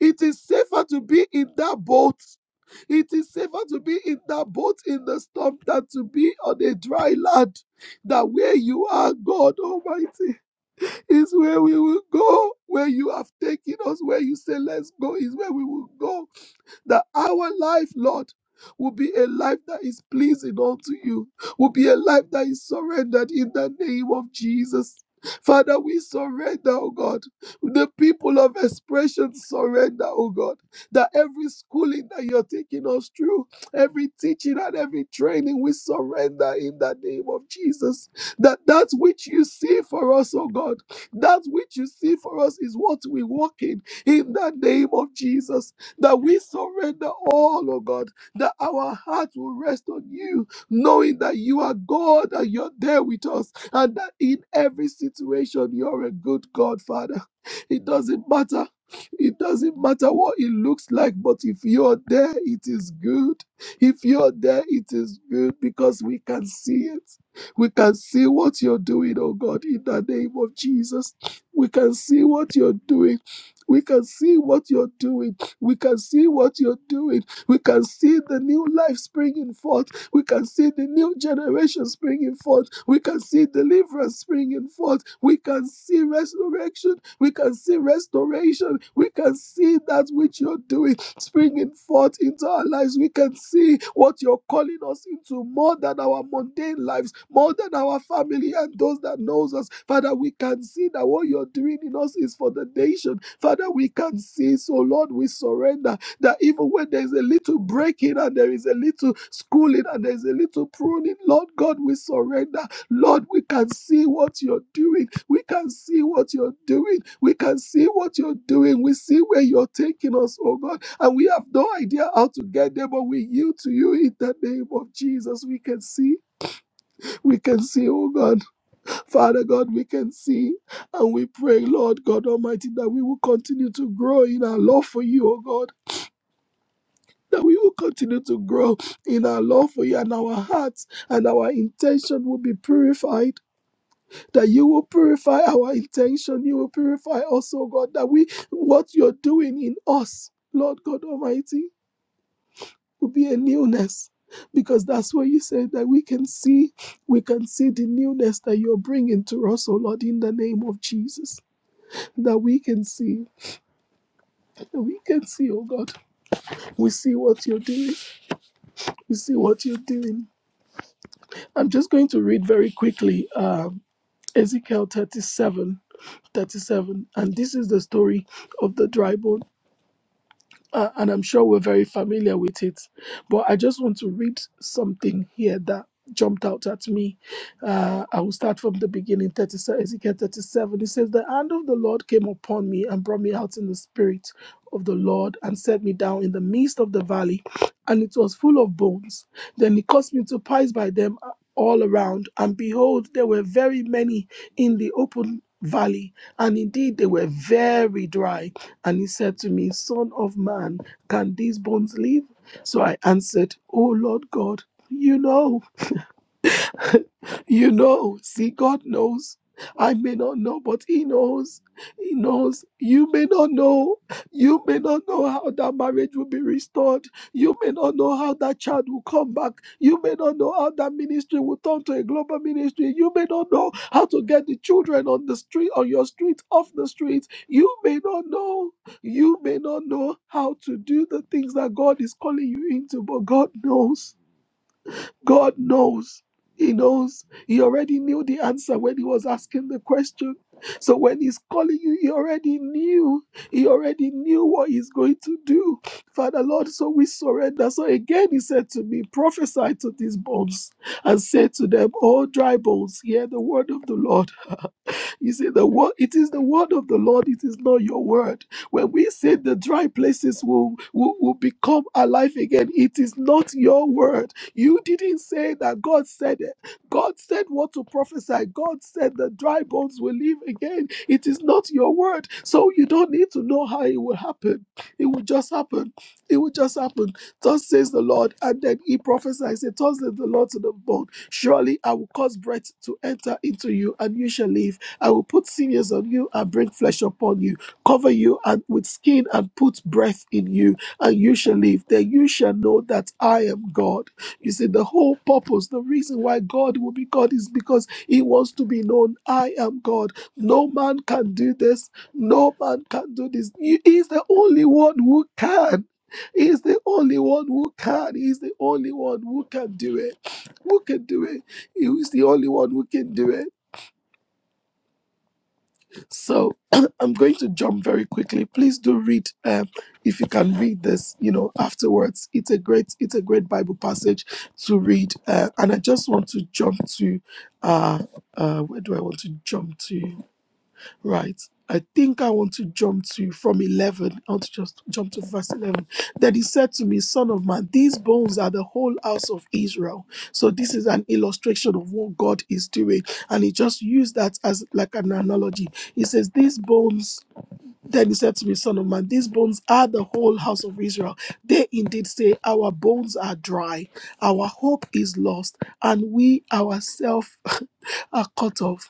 it is safer to be in that boat it is safer to be in that boat in the storm than to be on a dry land. That where you are, God Almighty, is where we will go. Where you have taken us, where you say, let's go, is where we will go that our life, Lord, will be a life that is pleasing unto you, will be a life that is surrendered in the name of Jesus. Father, we surrender, oh God. The people of expression surrender, oh God. That every schooling that you're taking us through, every teaching and every training, we surrender in the name of Jesus. That that which you see for us, oh God, that which you see for us is what we walk in in the name of Jesus that we surrender all, oh God, that our hearts will rest on you, knowing that you are God and you're there with us, and that in every situation, you're a good God, Father. It doesn't matter. It doesn't matter what it looks like, but if you're there, it is good. If you're there, it is good because we can see it. We can see what you're doing, oh God, in the name of Jesus. We can see what you're doing. We can see what you're doing we can see what you're doing. We can see the new life springing forth. We can see the new generation springing forth. We can see deliverance springing forth. We can see resurrection. We can see restoration. We can see that which you're doing springing forth into our lives. We can see what you're calling us into more than our mundane lives, more than our family and those that knows us. Father, we can see that what you're doing in us is for the nation. Father, we can see. So Lord, we surrender. That even when there is a little breaking and there is a little schooling and there is a little pruning, Lord God, we surrender. Lord, we can see what you're doing. We can see what you're doing. We can see what you're doing. We see where you're taking us, oh God. And we have no idea how to get there, but we yield to you in the name of Jesus. We can see. We can see, oh God. Father God, we can see. And we pray, Lord God Almighty, that we will continue to grow in our love for you, oh God that we will continue to grow in our love for you and our hearts and our intention will be purified that you will purify our intention you will purify us oh god that we what you're doing in us lord god almighty will be a newness because that's what you said that we can see we can see the newness that you're bringing to us oh lord in the name of jesus that we can see that we can see oh god we see what you're doing we see what you're doing I'm just going to read very quickly um, Ezekiel 37, 37, And this is the story of the dry bones uh, and I'm sure we're very familiar with it. But I just want to read something here that jumped out at me. Uh, I will start from the beginning, 37, Ezekiel 37. It says, The hand of the Lord came upon me and brought me out in the spirit of the Lord and set me down in the midst of the valley, and it was full of bones. Then he caused me to pass by them all around, and behold, there were very many in the open valley, and indeed they were very dry. And he said to me, Son of man, can these bones live? So I answered, "O Lord God, you know. You know, see, God knows. I may not know, but He knows. He knows. You may not know. You may not know how that marriage will be restored. You may not know how that child will come back. You may not know how that ministry will turn to a global ministry. You may not know how to get the children on the street, on your street, off the street. You may not know. You may not know how to do the things that God is calling you into, but God knows. God knows. He knows. He already knew the answer when he was asking the question. So when he's calling you, he already knew. He already knew what he's going to do. Father Lord, so we surrender. So again, he said to me, prophesy to these bones and say to them, all dry bones, hear the word of the Lord. You see, the word it is the word of the Lord, it is not your word. When we say the dry places will, will, will become alive again, it is not your word. You didn't say that God said it. God said what to prophesy. God said the dry bones will live again. It is not your word. So you don't need to know how it will happen. It will just happen. It will just happen. Thus says the Lord. And then he prophesies, it thus says the Lord to the bone. Surely I will cause breath to enter into you and you shall live I will put sinews on you and bring flesh upon you, cover you and with skin and put breath in you, and you shall live. Then you shall know that I am God. You see, the whole purpose, the reason why God will be God is because He wants to be known. I am God. No man can do this. No man can do this. He is the only one who can. He is the only one who can. He is the only one who can do it. Who can do it? He is the only one who can do it. So [clears throat] I'm going to jump very quickly. Please do read um, if you can read this, you know, afterwards. It's a great, it's a great Bible passage to read. Uh, and I just want to jump to uh, uh, where do I want to jump to? Right. I think I want to jump to from 11. I want to just jump to verse 11. Then he said to me, Son of man, these bones are the whole house of Israel. So this is an illustration of what God is doing. And he just used that as like an analogy. He says, These bones. Then he said to me, Son of man, these bones are the whole house of Israel. They indeed say, Our bones are dry, our hope is lost, and we ourselves [laughs] are cut off.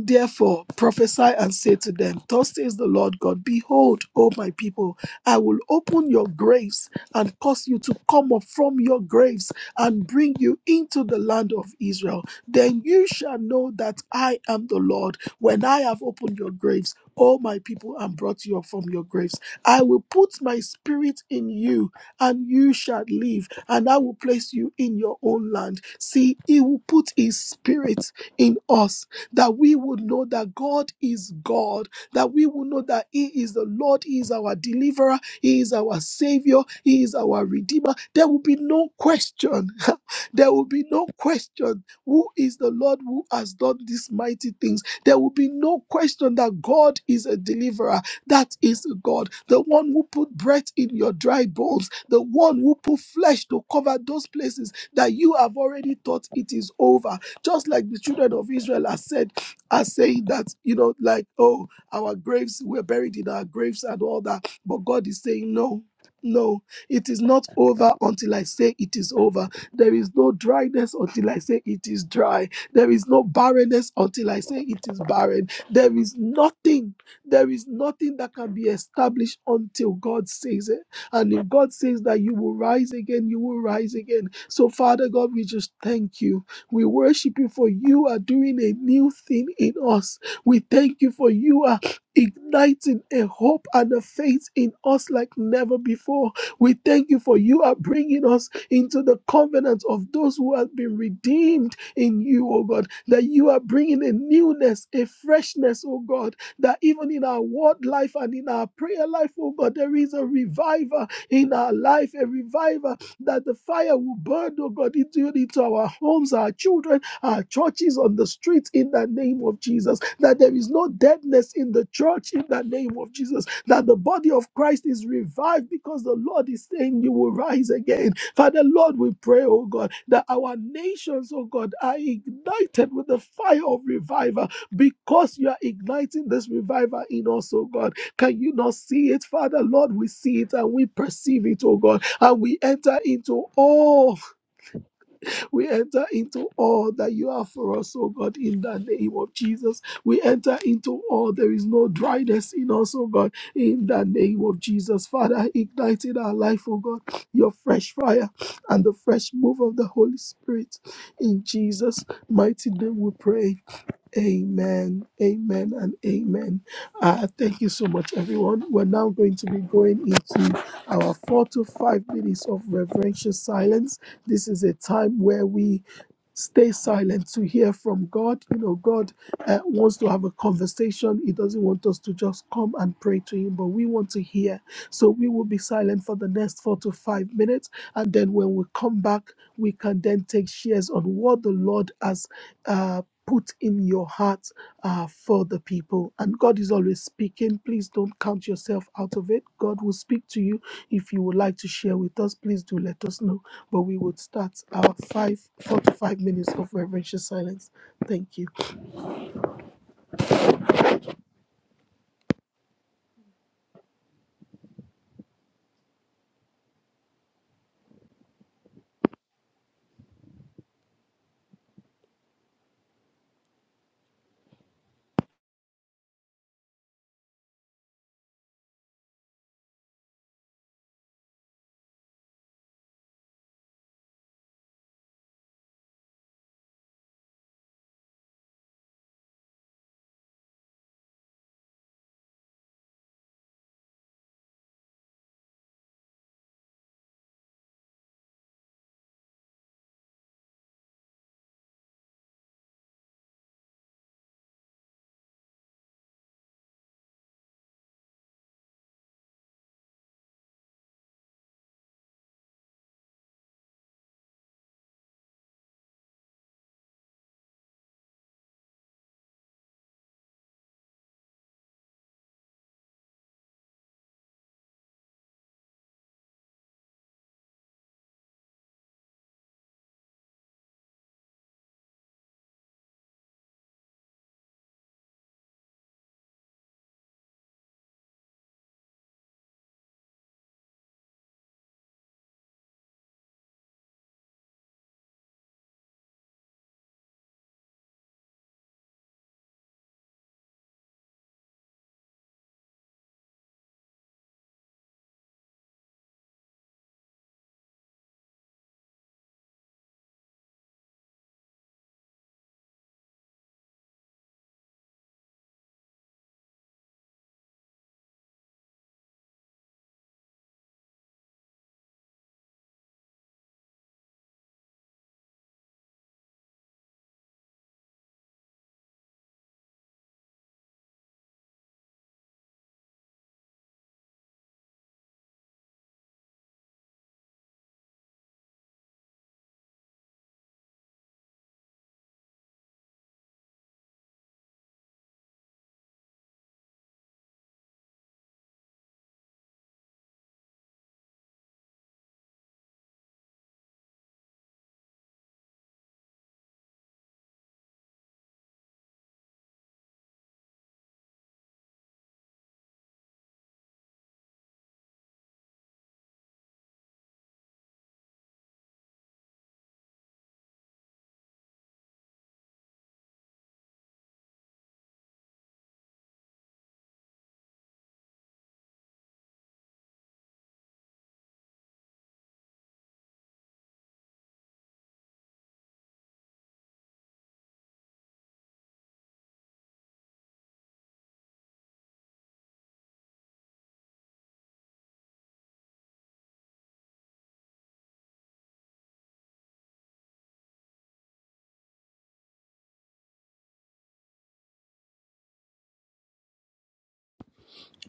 Therefore, prophesy and say to them, Thus says the Lord God, Behold, O my people, I will open your graves and cause you to come up from your graves and bring you into the land of Israel. Then you shall know that I am the Lord when I have opened your graves. O my people, and brought you up from your graves. I will put my spirit in you, and you shall live, and I will place you in your own land. See, he will put his spirit in us that we would know that God is God, that we would know that He is the Lord, He is our deliverer, He is our Savior, He is our Redeemer. There will be no question. [laughs] there will be no question who is the Lord who has done these mighty things. There will be no question that God is a deliverer. That is God, the one who put breath in your dry bones, the one who put flesh to cover those places that you have already thought it is over. Just like the children of Israel are said, are saying that, you know, like, oh, our graves, we're buried in our graves and all that. But God is saying, no, no, it is not over until I say it is over. There is no dryness until I say it is dry. There is no barrenness until I say it is barren. There is nothing, there is nothing that can be established until God says it. And if God says that you will rise again, you will rise again. So, Father God, we just thank you. We worship you for you are doing a new thing in us. We thank you for you are igniting a hope and a faith in us like never before. We thank you for you are bringing us into the covenant of those who have been redeemed in you, oh God, that you are bringing a newness, a freshness, oh God, that even in our word life and in our prayer life, oh God, there is a revival in our life, a revival that the fire will burn, oh God, into, into our homes, our children, our churches, on the streets, in the name of Jesus. That there is no deadness in the church, in the name of Jesus. That the body of Christ is revived because the Lord is saying, You will rise again. Father, Lord, we pray, oh God, that our nations, oh God, are ignited with the fire of revival because you are igniting this revival in us, oh God can you not see it, Father? Lord, we see it and we perceive it, oh God, and we enter into all. We enter into all that you have for us, oh God, in the name of Jesus. We enter into all. There is no dryness in us, oh God, in the name of Jesus. Father, ignite in our life, oh God, your fresh fire and the fresh move of the Holy Spirit. In Jesus' mighty name we pray. Amen, amen, and amen. Uh, thank you so much, everyone. We're now going to be going into our four to five minutes of reverential silence. This is a time where we stay silent to hear from God. You know, God uh, wants to have a conversation, He doesn't want us to just come and pray to Him, but we want to hear. So we will be silent for the next four to five minutes. And then when we come back, we can then take shares on what the Lord has. Uh, put in your heart uh, for the people. And God is always speaking. Please don't count yourself out of it. God will speak to you. If you would like to share with us, please do let us know. But we would start our five, four to five minutes of reverential silence. Thank you.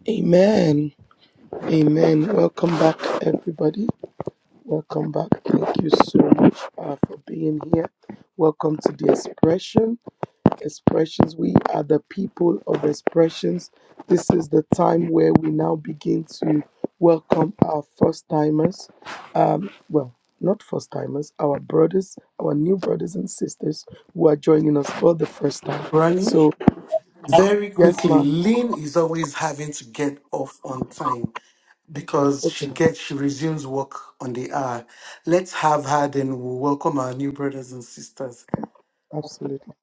Amen. Amen. Welcome back, everybody. Welcome back. Thank you so much uh, for being here. Welcome to the expression. expressions. We are the people of expressions. This is the time where we now begin to welcome our first timers. Well, not first timers, our brothers, our new brothers and sisters who are joining us for the first time. Ronnie, So, very yes, quickly, ma. Lynn is always having to get off on time because Okay, she ma. gets she resumes work on the hour. Let's have her then we'll welcome our new brothers and sisters. Absolutely.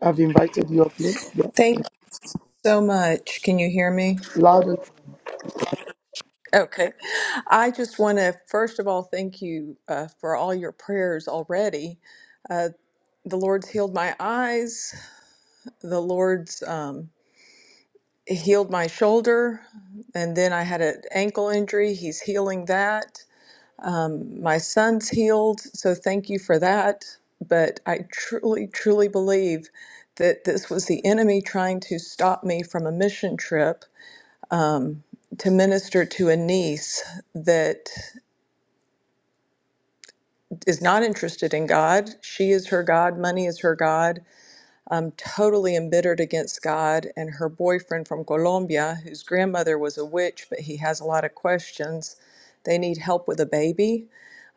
I've invited you up, Lynn. Yeah. Thank you so much. Can you hear me? Loud and Okay. I just want to, first of all, thank you uh, for all your prayers already. Uh, the Lord's healed my eyes, the Lord's um, healed my shoulder, and then I had an ankle injury. He's healing that. Um, my son's healed, so thank you for that. But I truly, truly believe that this was the enemy trying to stop me from a mission trip um, to minister to a niece that is not interested in God. She is her God, money is her God, um, totally embittered against God. And her boyfriend from Colombia, whose grandmother was a witch, but he has a lot of questions. They need help with a baby.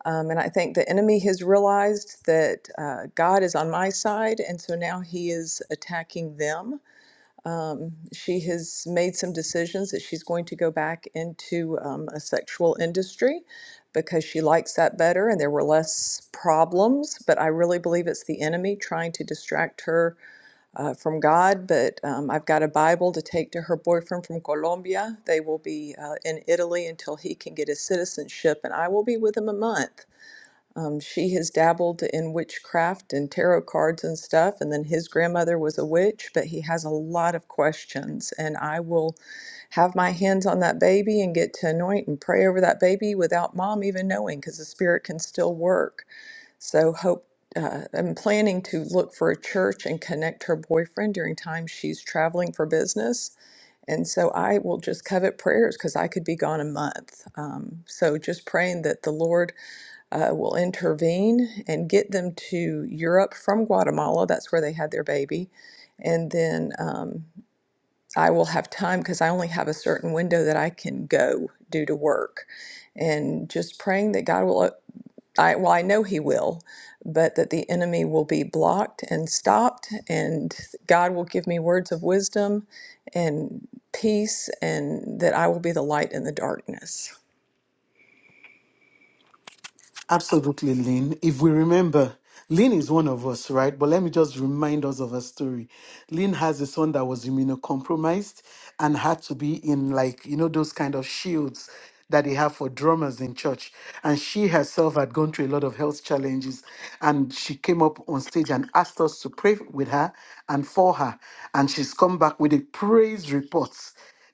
Um, and I think the enemy has realized that uh, God is on my side. And so now he is attacking them Um, she has made some decisions that she's going to go back into um, a sexual industry because she likes that better and there were less problems. But I really believe it's the enemy trying to distract her uh, from God. But um, I've got a Bible to take to her boyfriend from Colombia. They will be uh, in Italy until he can get his citizenship, and I will be with him a month. Um, she has dabbled in witchcraft and tarot cards and stuff, and then his grandmother was a witch, but he has a lot of questions. And I will have my hands on that baby and get to anoint and pray over that baby without mom even knowing because the spirit can still work. So, hope. Uh, I'm planning to look for a church and connect her boyfriend during time she's traveling for business. And so I will just covet prayers because I could be gone a month. Um, so just praying that the Lord uh, will intervene and get them to Europe from Guatemala. That's where they had their baby. And then um, I will have time because I only have a certain window that I can go due to work. And just praying that God will, I, well, I know He will, but that the enemy will be blocked and stopped. And God will give me words of wisdom and peace, and that I will be the light in the darkness. Absolutely, Lynn. If we remember, Lynn is one of us, right? But let me just remind us of her story. Lynn has a son that was immunocompromised and had to be in, like, you know, those kind of shields that they have for drummers in church. And she herself had gone through a lot of health challenges. And she came up on stage and asked us to pray with her and for her. And she's come back with a praise report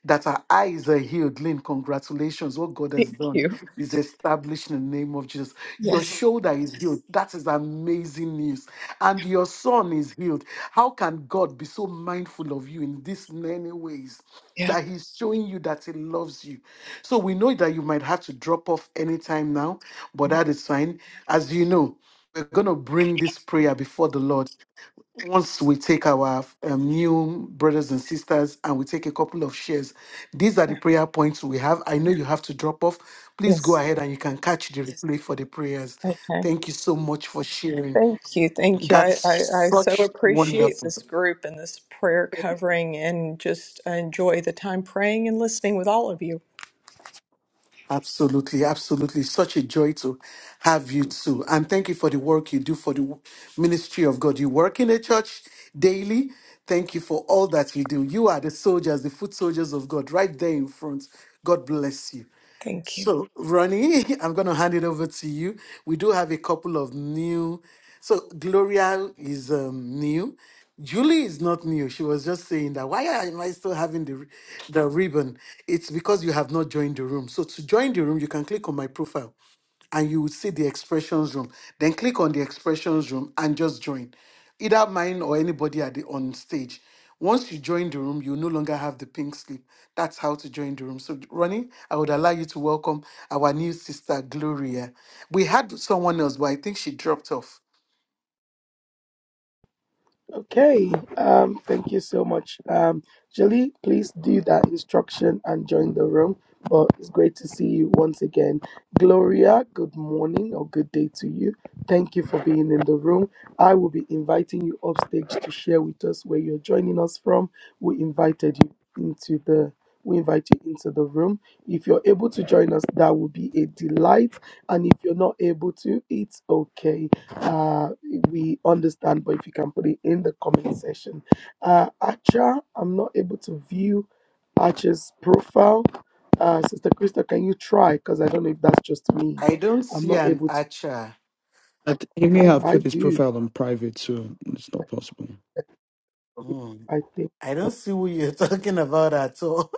that our eyes are healed. Lynn, congratulations. What God has Thank done you. is established in the name of Jesus. Your Yes. shoulder is healed. That is amazing news. And your son is healed. How can God be so mindful of you in this many ways? Yeah. That he's showing you that he loves you. So we know that you might have to drop off anytime now, but that Yeah. is fine. As you know, we're going to bring this prayer before the Lord once we take our um, new brothers and sisters and we take a couple of shares, these are the prayer points we have. I know you have to drop off. Please Yes. go ahead and you can catch the replay for the prayers. Okay. Thank you so much for sharing. Thank you. Thank you. I, That's I, I so such appreciate wonderful. this group and this prayer covering and just enjoy the time praying and listening with all of you. Absolutely, absolutely. Such a joy to have you too. And thank you for the work you do for the ministry of God. You work in a church daily. Thank you for all that you do. You are the soldiers, the foot soldiers of God, right there in front. God bless you. Thank you. So, Ronnie, [laughs] I'm going to hand it over to you. We do have a couple of new. So, Gloria is um, new. Julie is not new. She was just saying that why am I still having the ri- the ribbon? It's because you have not joined the room. So, to join the room, you can click on my profile and you will see the expressions room. Then click on the expressions room and just join. Either mine or anybody at the on stage. Once you join the room, you no longer have the pink slip. That's how to join the room. So Ronnie, I would allow you to welcome our new sister, Gloria. We had someone else, but I think she dropped off. Okay, um, thank you so much. Um, Jolie, please do that instruction and join the room. But it's great to see you once again. Gloria, good morning or good day to you. Thank you for being in the room. I will be inviting you upstage to share with us where you're joining us from. We invited you into the we invite you into the room. If you're able to join us, that would be a delight. And if you're not able to, it's okay uh, we understand, but if you can put it in the comment section. Uh, Acha, I'm not able to view Acha's profile. Uh, Sister Krista, can you try? Because I don't know if that's just me. I don't I'm see not an able to. archer. I th- He may Oh, have I put his do. profile on private, so it's not possible. Hmm. I think. I don't see who you're [laughs] talking about at all.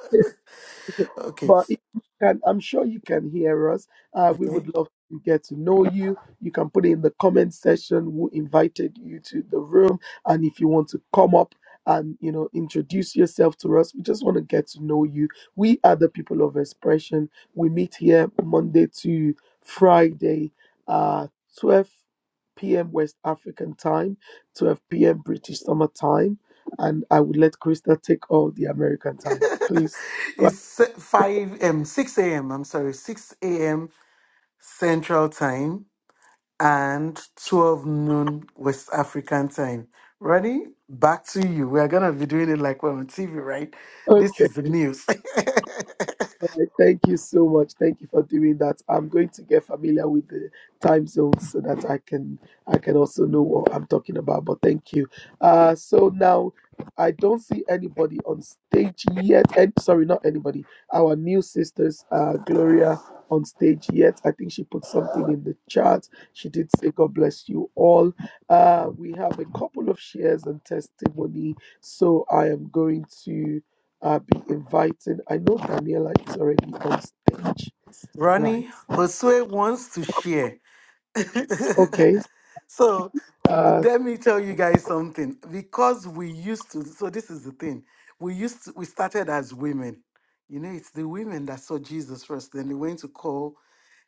[laughs] okay. But if you can, I'm sure you can hear us. Uh, we Okay. would love to get to know you. You can put in the comment section who invited you to the room, and if you want to come up and you know introduce yourself to us, we just want to get to know you. We are the people of expression. We meet here Monday to Friday, uh, 12 p.m. West African time, 12 p.m. British Summer Time, and I will let Krista take all the American time. Please [laughs] go. ahead. it's se- 5 um, 6 a.m. I'm sorry, 6 a.m. Central Time and 12 noon West African Time. Ronnie, back to you. We're going to be doing it like we're on TV, right? Okay. This is the news. [laughs] All right, thank you so much. Thank you for doing that. I'm going to get familiar with the time zones so that I can I can also know what I'm talking about. But thank you. Uh, so now I don't see anybody on stage yet. And sorry, not anybody. Our new sisters, uh, Gloria, on stage yet. I think she put something in the chat. She did say God bless you all. Uh, we have a couple of shares and testimony. So I am going to. I'll be inviting. I know Daniela is already on stage, right? Ronnie, Josue wants to share. [laughs] Okay. so th- Uh, let me tell you guys something. Because we used to, so this is the thing. We used to, we started as women. You know, it's the women that saw Jesus first. Then they went to call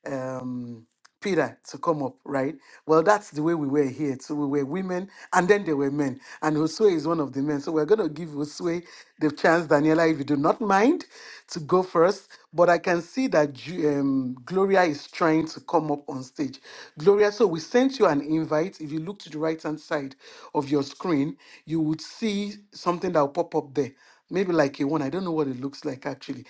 um, Peter to come up, right? Well, that's the way we were here. So we were women and then there were men. And Josue is one of the men. So we're going to give Josue the chance, Daniela, if you do not mind, to go first. But I can see that Ju- um, Gloria is trying to come up on stage. Gloria, so we sent you an invite. If you look to the right hand side of your screen, you would see something that will pop up there, maybe like a one. I don't know what it looks like actually.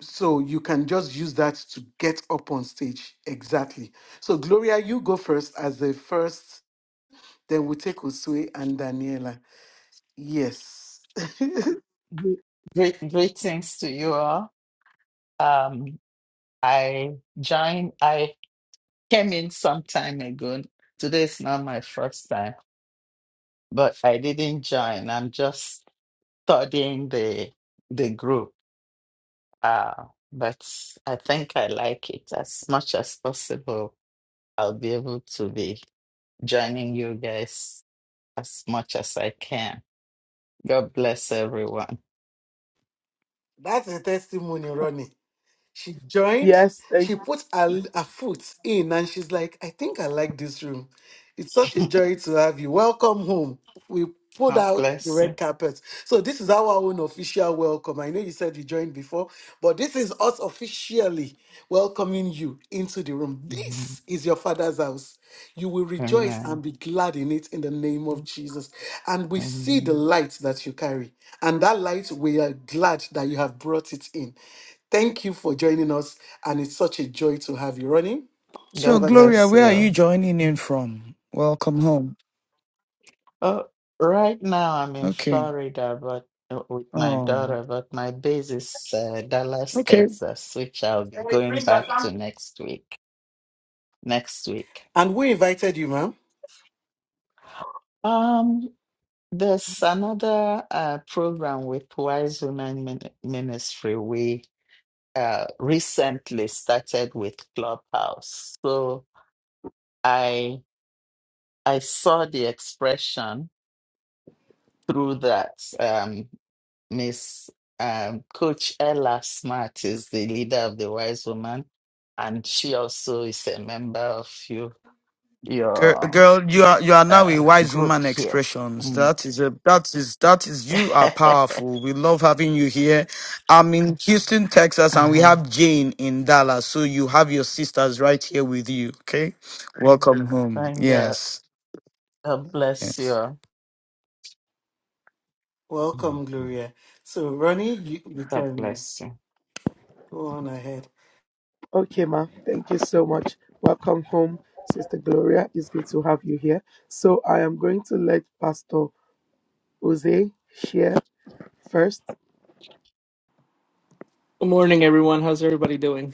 So you can just use that to get up on stage. Exactly. So, Gloria, you go first as the first, then we'll take Usue and Daniela. Yes. [laughs] Gre- Great, greetings to you all. Um, I joined, I came in some time ago. Today is not my first time, but I didn't join. I'm just studying the the group. Uh, but I think I like it as much as possible. I'll be able to be joining you guys as much as I can. God bless everyone. That's a testimony, Ronnie. She joined, yes. Thank. she put her, her foot in, and she's like, I think I like this room. It's such a joy to have you. Welcome home. We pulled God out the bless you. red carpet. So, this is our own official welcome. I know you said you joined before, but this is us officially welcoming you into the room. Mhm. This is your father's house. You will rejoice and Amen. be glad in it in the name of Jesus. And we see the Amen. light that you carry, and that light we are glad that you have brought it in. Thank you for joining us, and it's such a joy to have you running. So, God Over to you. Gloria, bless where you. are all. you joining in from? Welcome home. Oh, right now I'm in Okay. Florida, but uh, with my Oh, daughter, but my base is uh, Dallas, okay. Texas, which I'll be going back to next week. Next week. And we invited you, ma'am. Um, there's another uh, program with Wise Women Min- Ministry. We uh, recently started with Clubhouse. So I I saw the expression through that. Um, Miss um, Coach Ella Smart is the leader of the Wise Woman, and she also is a member of you, Girl, your girl, you are you are now a uh, wise group woman. here. Expressions. Mm. That is a that is that is you are [laughs] powerful. We love having you here. I'm in Houston, Texas, and we Um, have Jane in Dallas. So you have your sisters right here with you. Okay, welcome home. Thank God. Yes, God bless you. yes. all. Mm. Welcome, Gloria. So, Ronnie, you, we God can bless you. go on ahead. Okay, ma. Thank you so much. Welcome home, Sister Gloria. It's good to have you here. So I am going to let Pastor Jose share first. Good morning, everyone. How's everybody doing?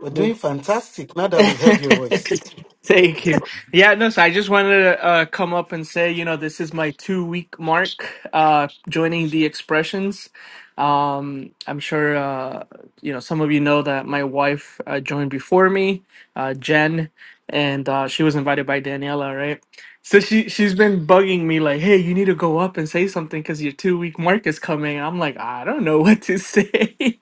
We're doing fantastic now [laughs] that we've heard your voice. Thank you. Yeah, no, so I just wanted to uh, come up and say, you know, this is my two week mark uh, joining the expressions. Um, I'm sure, uh, you know, some of you know that my wife uh, joined before me, uh, Jen, and uh, she was invited by Daniela, right? So she, she's been bugging me, like, hey, you need to go up and say something because your two week mark is coming. I'm like, I don't know [laughs] what to say. [laughs]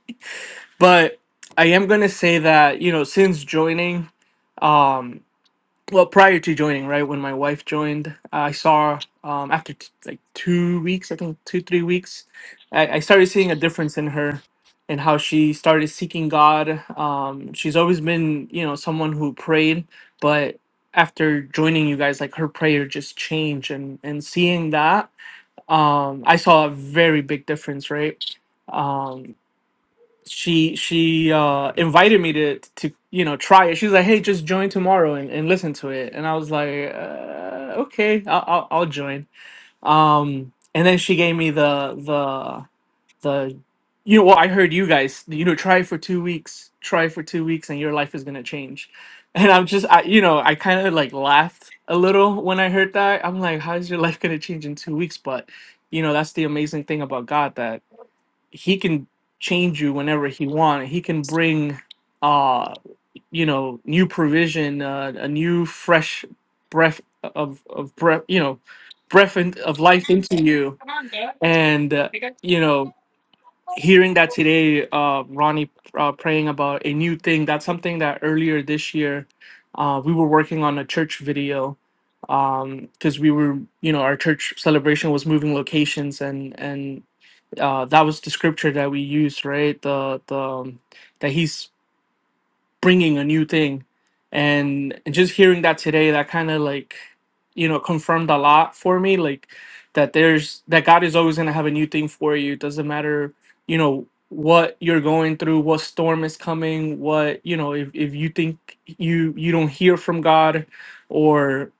but I am gonna say that you know since joining, um, well prior to joining, right when my wife joined, I saw um after t- like two weeks, I think two three weeks, I, I started seeing a difference in her and how she started seeking God. Um, she's always been you know someone who prayed, but after joining you guys, like her prayer just changed and and seeing that, um, I saw a very big difference, right? Um, she she uh invited me to to you know try it she's like hey just join tomorrow and, and listen to it and i was like uh, okay I'll, I'll i'll join um and then she gave me the the the you know well i heard you guys you know try it for two weeks try it for two weeks and your life is gonna change [laughs] and i'm just I, you know i kind of like laughed a little when i heard that i'm like how's your life gonna change in two weeks but you know that's the amazing thing about god that he can change you whenever he wants. He can bring, uh, you know, new provision, uh, a new fresh breath of of breath, you know, breath in, of life into you. And uh, you know, hearing that today, uh, Ronnie uh, praying about a new thing. That's something that earlier this year, uh, we were working on a church video um because we were you know our church celebration was moving locations and and uh, that was the scripture that we used, right? The the um, that he's bringing a new thing, and, and just hearing that today, that kind of like you know confirmed a lot for me, like that there's that God is always gonna have a new thing for you. Doesn't matter, you know what you're going through, what storm is coming, what you know if if you think you you don't hear from God, or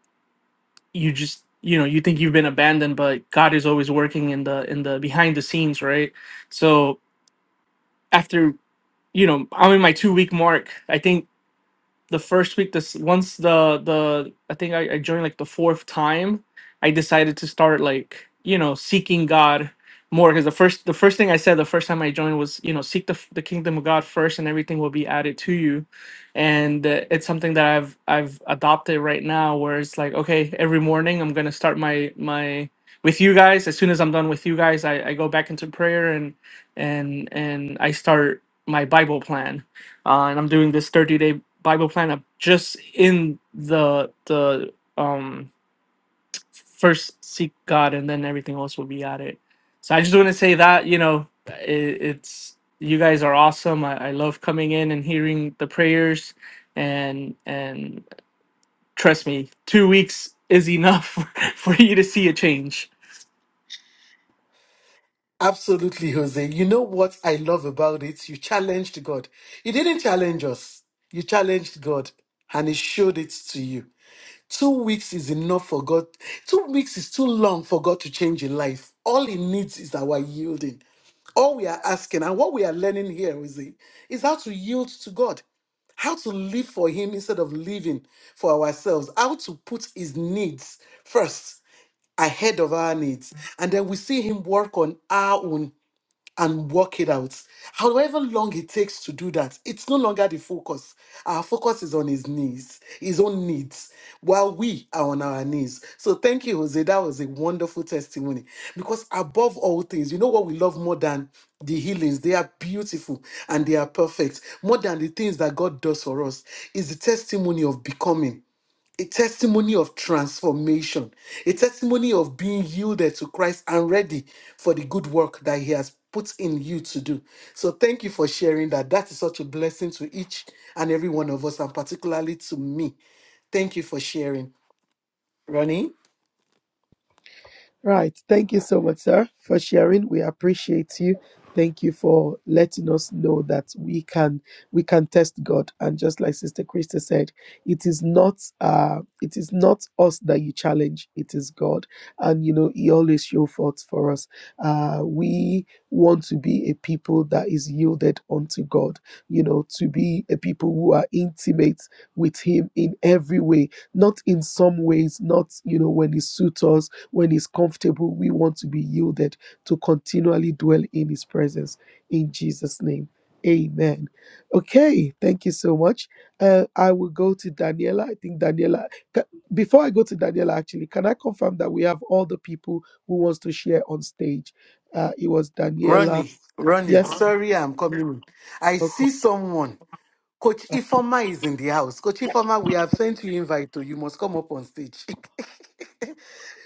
you just you know you think you've been abandoned, but God is always working in the in the behind the scenes, right? So after you know i'm in my two week mark i think the first week this once the the i think I, I joined like the fourth time i decided to start like you know seeking god more because the first the first thing i said the first time i joined was you know seek the, f- the kingdom of god first and everything will be added to you and uh, it's something that i've i've adopted right now where it's like okay every morning i'm gonna start my my with you guys as soon as i'm done with you guys i, I go back into prayer and and and i start my bible plan uh, and i'm doing this 30 day Bible plan up just in the the um first seek God and then everything else will be added. So I just want to say that you know it, it's you guys are awesome. I, I love coming in and hearing the prayers and and trust me, two weeks is enough [laughs] for you to see a change. [laughs] Absolutely, Jose. You know what I love about it? You challenged God. You didn't challenge us, you challenged God, and He showed it to you. Two weeks is enough for God. Two weeks is too long for God to change your life. All He needs is our yielding. All we are asking and what we are learning here is, it- is how to yield to God, how to live for Him instead of living for ourselves, how to put His needs first ahead of our needs. And then we see Him work on our own and work it out. However long it takes to do that, it's no longer the focus. Our focus is on his needs, his own needs, while we are on our knees. So thank you, Jose. That was a wonderful testimony. Because above all things, you know what we love more than the healings? They are beautiful and they are perfect. More than the things that God does for us is the testimony of becoming a testimony of transformation, a testimony of being yielded to Christ and ready for the good work that He has put in you to do. So, thank you for sharing that. That is such a blessing to each and every one of us, and particularly to me. Thank you for sharing, Ronnie. Right. Thank you so much, sir, for sharing. We appreciate you. Thank you for letting us know that we can we can test God. And just like Sister Krista said, it is not uh it is not us that you challenge, it is God. And you know, He always show forth for us. Uh we want to be a people that is yielded unto God, you know, to be a people who are intimate with Him in every way, not in some ways, not you know, when He suits us when He's comfortable, we want to be yielded to continually dwell in His presence. In Jesus' name, Amen. Okay, thank you so much. Uh, I will go to Daniela. I think Daniela. ca- Before I go to Daniela, actually, can I confirm that we have all the people who wants to share on stage? Uh, it was Daniela. Ronnie, Ronnie, Yes. sorry, I'm coming. in. I Okay. see someone. Coach Ifoma is in the house. Coach Ifoma, we have sent you invite, to you must come up on stage. [laughs]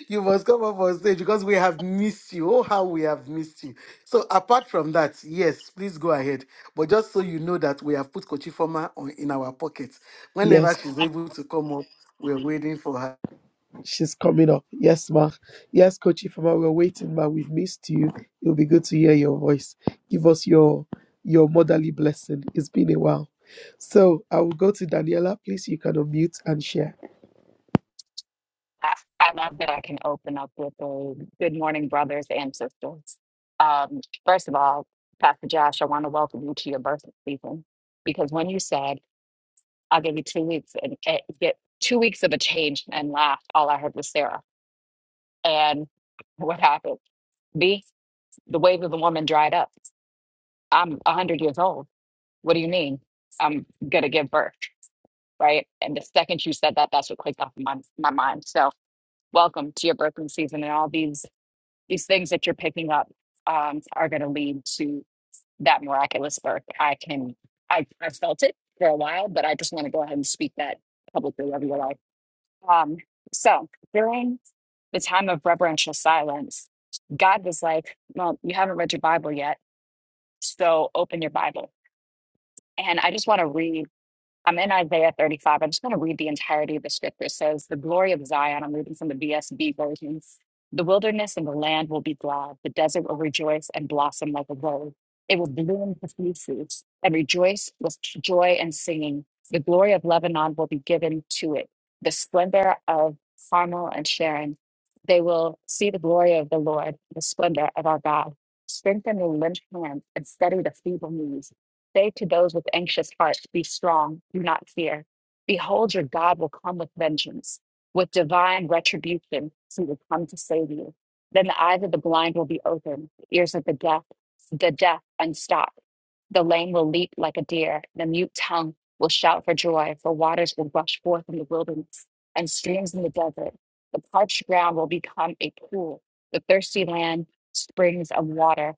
[laughs] you must come up on stage because we have missed you. Oh, how we have missed you. So, apart from that, yes, please go ahead. But just so you know that we have put Kochifoma on in our pockets. Whenever Yes. she's able to come up, we're waiting for her. She's coming up. Yes, ma. Yes, Coach Ifama, we're waiting, ma. We've missed you. It'll be good to hear your voice. Give us your your motherly blessing. It's been a while. So I will go to Daniela. Please, you can unmute and share. I I love that I can open up with a good morning, brothers and sisters. Um, first of all, Pastor Josh, I want to welcome you to your birthday season because when you said, I'll give you two weeks and eh, get two weeks of a change and laugh, all I heard was Sarah. And what happened? B, the wave of the woman dried up. I'm 100 years old. What do you mean? I'm going to give birth, right? And the second you said that, that's what clicked off in my, my mind. So, welcome to your birthing season and all these these things that you're picking up um, are going to lead to that miraculous birth. I can, I, I felt it for a while, but I just want to go ahead and speak that publicly over your life. Um, so during the time of reverential silence, God was like, Well, you haven't read your Bible yet, so open your Bible. And I just want to read I'm in Isaiah 35. I'm just going to read the entirety of the scripture. It says, The glory of Zion, I'm reading from the BSB versions. The wilderness and the land will be glad. The desert will rejoice and blossom like a rose. It will bloom profusely and rejoice with joy and singing. The glory of Lebanon will be given to it. The splendor of Carmel and Sharon. They will see the glory of the Lord, the splendor of our God. Strengthen the limp hands and steady the feeble knees Say to those with anxious hearts, Be strong, do not fear. Behold, your God will come with vengeance, with divine retribution. He will come to save you. Then the eyes of the blind will be opened, the ears of the deaf, the deaf unstopped. The lame will leap like a deer, the mute tongue will shout for joy, for waters will rush forth in the wilderness and streams in the desert. The parched ground will become a pool, the thirsty land springs of water.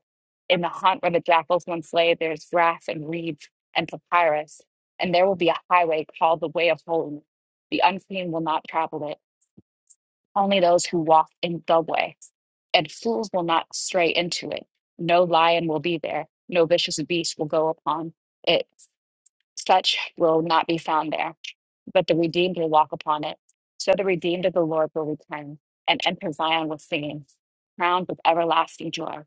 In the haunt where the jackals once lay, there's grass and reeds and papyrus, and there will be a highway called the way of holiness. The unclean will not travel it, only those who walk in the way. And fools will not stray into it. No lion will be there, no vicious beast will go upon it such will not be found there, but the redeemed will walk upon it. So the redeemed of the Lord will return and enter Zion with singing, crowned with everlasting joy.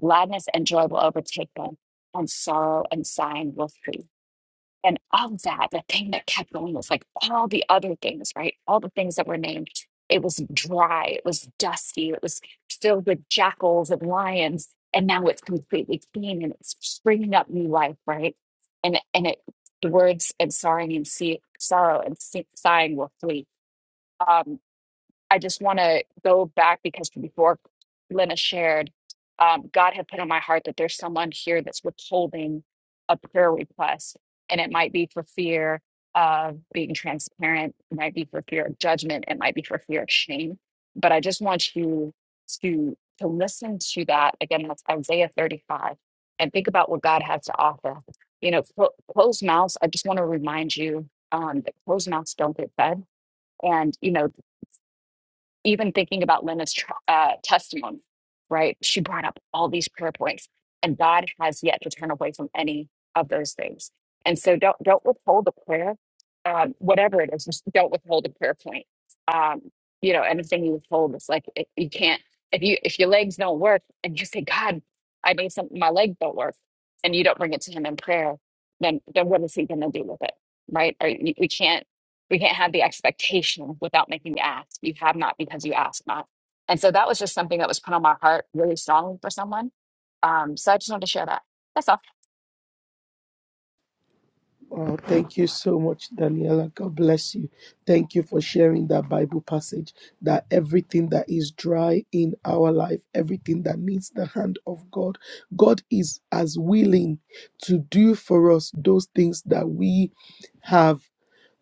Gladness and joy will overtake them, and sorrow and sighing will flee. And of that, the thing that kept going was like all the other things, right? All the things that were named. It was dry, it was dusty, it was filled with jackals and lions. And now it's completely clean and it's springing up new life, right? And and it the words and sorrowing and see, sorrow and see, sighing will flee. Um, I just want to go back because before Lena shared, um, God had put on my heart that there's someone here that's withholding a prayer request, and it might be for fear of being transparent, it might be for fear of judgment, it might be for fear of shame. But I just want you to to listen to that again. That's Isaiah 35, and think about what God has to offer. You know, clo- closed mouths. I just want to remind you um, that closed mouths don't get fed. And you know even thinking about Lena's tr- uh, testimony, right? She brought up all these prayer points, and God has yet to turn away from any of those things. And so, don't don't withhold the prayer, um, whatever it is. Just don't withhold a prayer point. Um, you know, anything you withhold, it's like it, you can't. If you if your legs don't work, and you say, God, I need something, my leg don't work, and you don't bring it to Him in prayer, then then what is He going to do with it, right? Or you- we can't we can't have the expectation without making the ask. You have not because you ask not. And so that was just something that was put on my heart really strongly for someone. Um, so I just wanted to share that. That's all. Oh, thank you so much, Daniela. God bless you. Thank you for sharing that Bible passage that everything that is dry in our life, everything that needs the hand of God, God is as willing to do for us those things that we have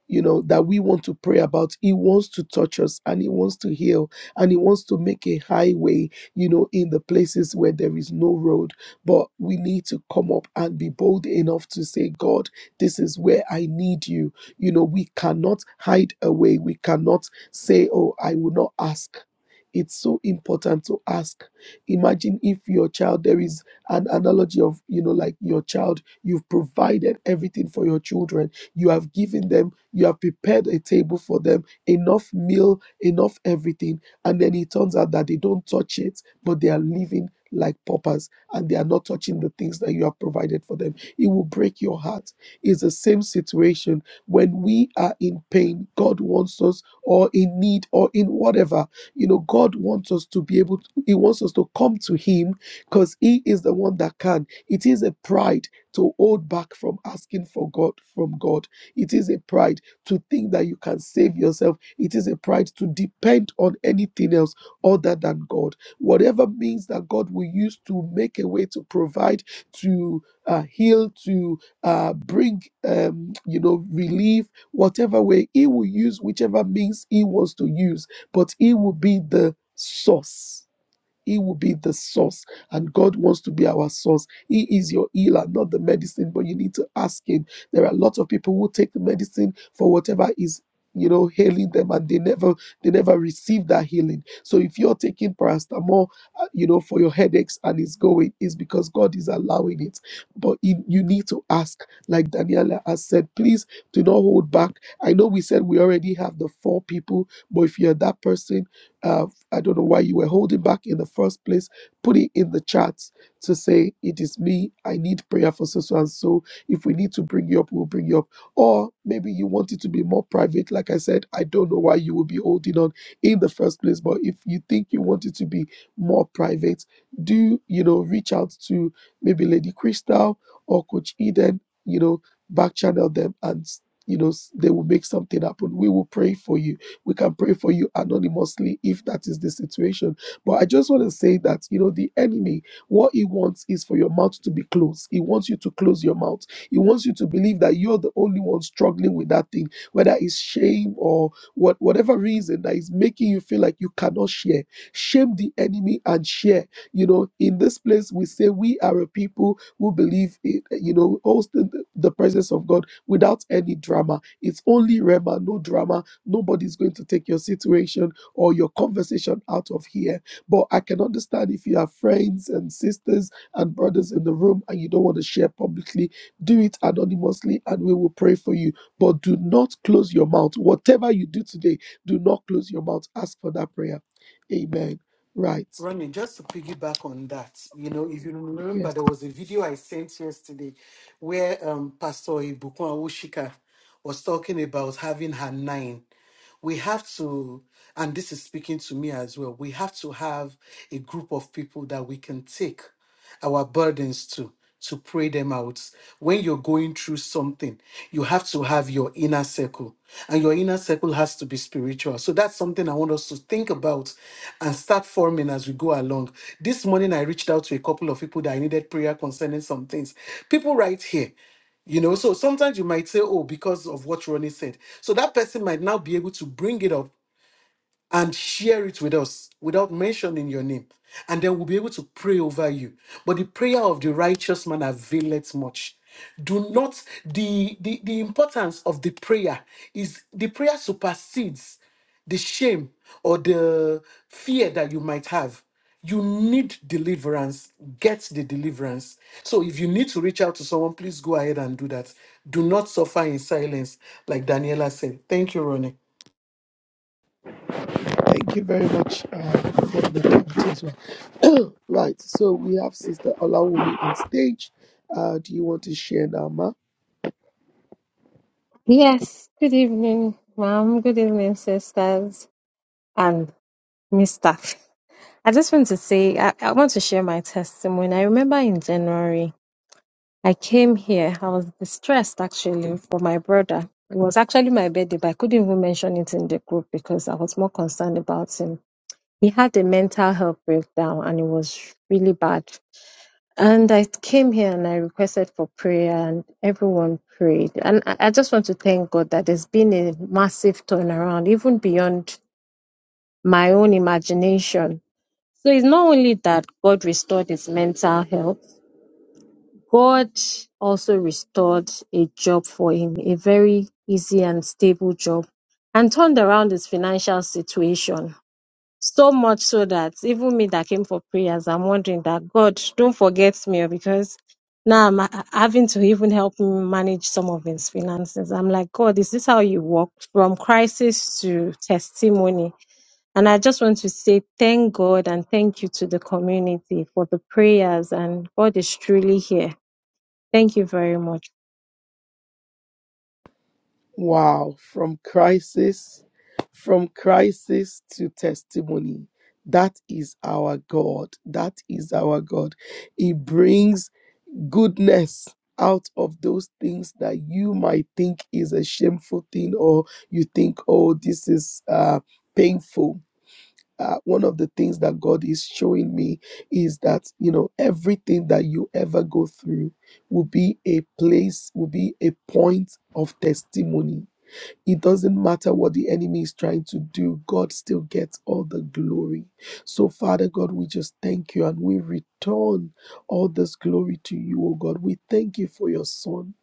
you know that we want to pray about he wants to touch us and he wants to heal and he wants to make a highway you know in the places where there is no road but we need to come up and be bold enough to say god this is where i need you you know we cannot hide away we cannot say oh i will not ask it's so important to ask imagine if your child there is an analogy of you know like your child you've provided everything for your children you have given them you have prepared a table for them, enough meal, enough everything. And then it turns out that they don't touch it, but they are living like paupers and they are not touching the things that you have provided for them. It will break your heart. It's the same situation when we are in pain, God wants us or in need or in whatever. You know, God wants us to be able to, He wants us to come to Him because He is the one that can. It is a pride to hold back from asking for God from God. It is a pride to think that you can save yourself. It is a pride to depend on anything else other than God. Whatever means that God will use to make a way to provide, to uh, heal, to uh, bring, um, you know, relief, whatever way He will use, whichever means He wants to use, but He will be the source he will be the source, and God wants to be our source. He is your healer, not the medicine, but you need to ask Him. There are a lot of people who take the medicine for whatever is you know healing them and they never they never receive that healing so if you're taking paracetamol uh, you know for your headaches and it's going it's because god is allowing it but you you need to ask like daniela has said please do not hold back i know we said we already have the four people but if you're that person uh, I don't know why you were holding back in the first place. Put it in the chat to say, It is me. I need prayer for so so and so. If we need to bring you up, we'll bring you up. Or maybe you want it to be more private. Like I said, I don't know why you would be holding on in the first place. But if you think you want it to be more private, do, you know, reach out to maybe Lady Crystal or Coach Eden, you know, back channel them and, you know, they will make something happen. We will pray for you we can pray for you anonymously if that is the situation. But I just want to say that, you know, the enemy, what he wants is for your mouth to be closed. He wants you to close your mouth. He wants you to believe that you're the only one struggling with that thing, whether it's shame or what whatever reason that is making you feel like you cannot share. Shame the enemy and share. You know, in this place, we say we are a people who believe in, you know, hosting the presence of God without any drama. It's only Rema, no drama Nobody's going to take your situation or your conversation out of here. But I can understand if you have friends and sisters and brothers in the room and you don't want to share publicly, do it anonymously and we will pray for you. But do not close your mouth. Whatever you do today, do not close your mouth. Ask for that prayer. Amen. Right. Ronnie, just to piggyback on that, you know, if you remember, Yes. there was a video I sent yesterday where um, Pastor Ibukun Awushika was talking about having her nine. We have to, and this is speaking to me as well, we have to have a group of people that we can take our burdens to to pray them out. When you're going through something, you have to have your inner circle, and your inner circle has to be spiritual. So that's something I want us to think about and start forming as we go along. This morning, I reached out to a couple of people that I needed prayer concerning some things. People right here, you know. So sometimes you might say, Oh, because of what Ronnie said. So that person might now be able to bring it up and share it with us without mentioning your name. And then we'll be able to pray over you. But the prayer of the righteous man availeth much. Do not the, the the importance of the prayer is the prayer supersedes the shame or the fear that you might have. You need deliverance. Get the deliverance. So if you need to reach out to someone, please go ahead and do that. Do not suffer in silence, like Daniela said. Thank you, Ronnie. Thank you very much uh, for the time as well. [clears throat] right. So we have Sister Olawumi on stage. Uh, do you want to share now, Ma? Yes, good evening, ma'am. Good evening, sisters and Mr. I just want to say, I, I want to share my testimony. I remember in January, I came here. I was distressed actually for my brother. It was actually my birthday, but I couldn't even mention it in the group because I was more concerned about him. He had a mental health breakdown and it was really bad. And I came here and I requested for prayer, and everyone prayed. And I I just want to thank God that there's been a massive turnaround, even beyond my own imagination. So it's not only that God restored his mental health, God also restored a job for him, a very easy and stable job, and turned around his financial situation. So much so that even me that came for prayers, I'm wondering that God, don't forget me oh, because now I'm ha- having to even help him manage some of his finances. I'm like, God, is this how you work from crisis to testimony? And I just want to say thank God and thank you to the community for the prayers, and God is truly here. Thank you very much. Wow, from crisis, from crisis to testimony. That is our God. That is our God. He brings goodness out of those things that you might think is a shameful thing or you think, oh, this is uh, painful. Uh, one of the things that God is showing me is that, you know, everything that you ever go through will be a place, will be a point of testimony it doesn't matter what the enemy is trying to do, God still gets all the glory. So, Father God, we just thank you and we return all this glory to you, oh God. We thank you for your son.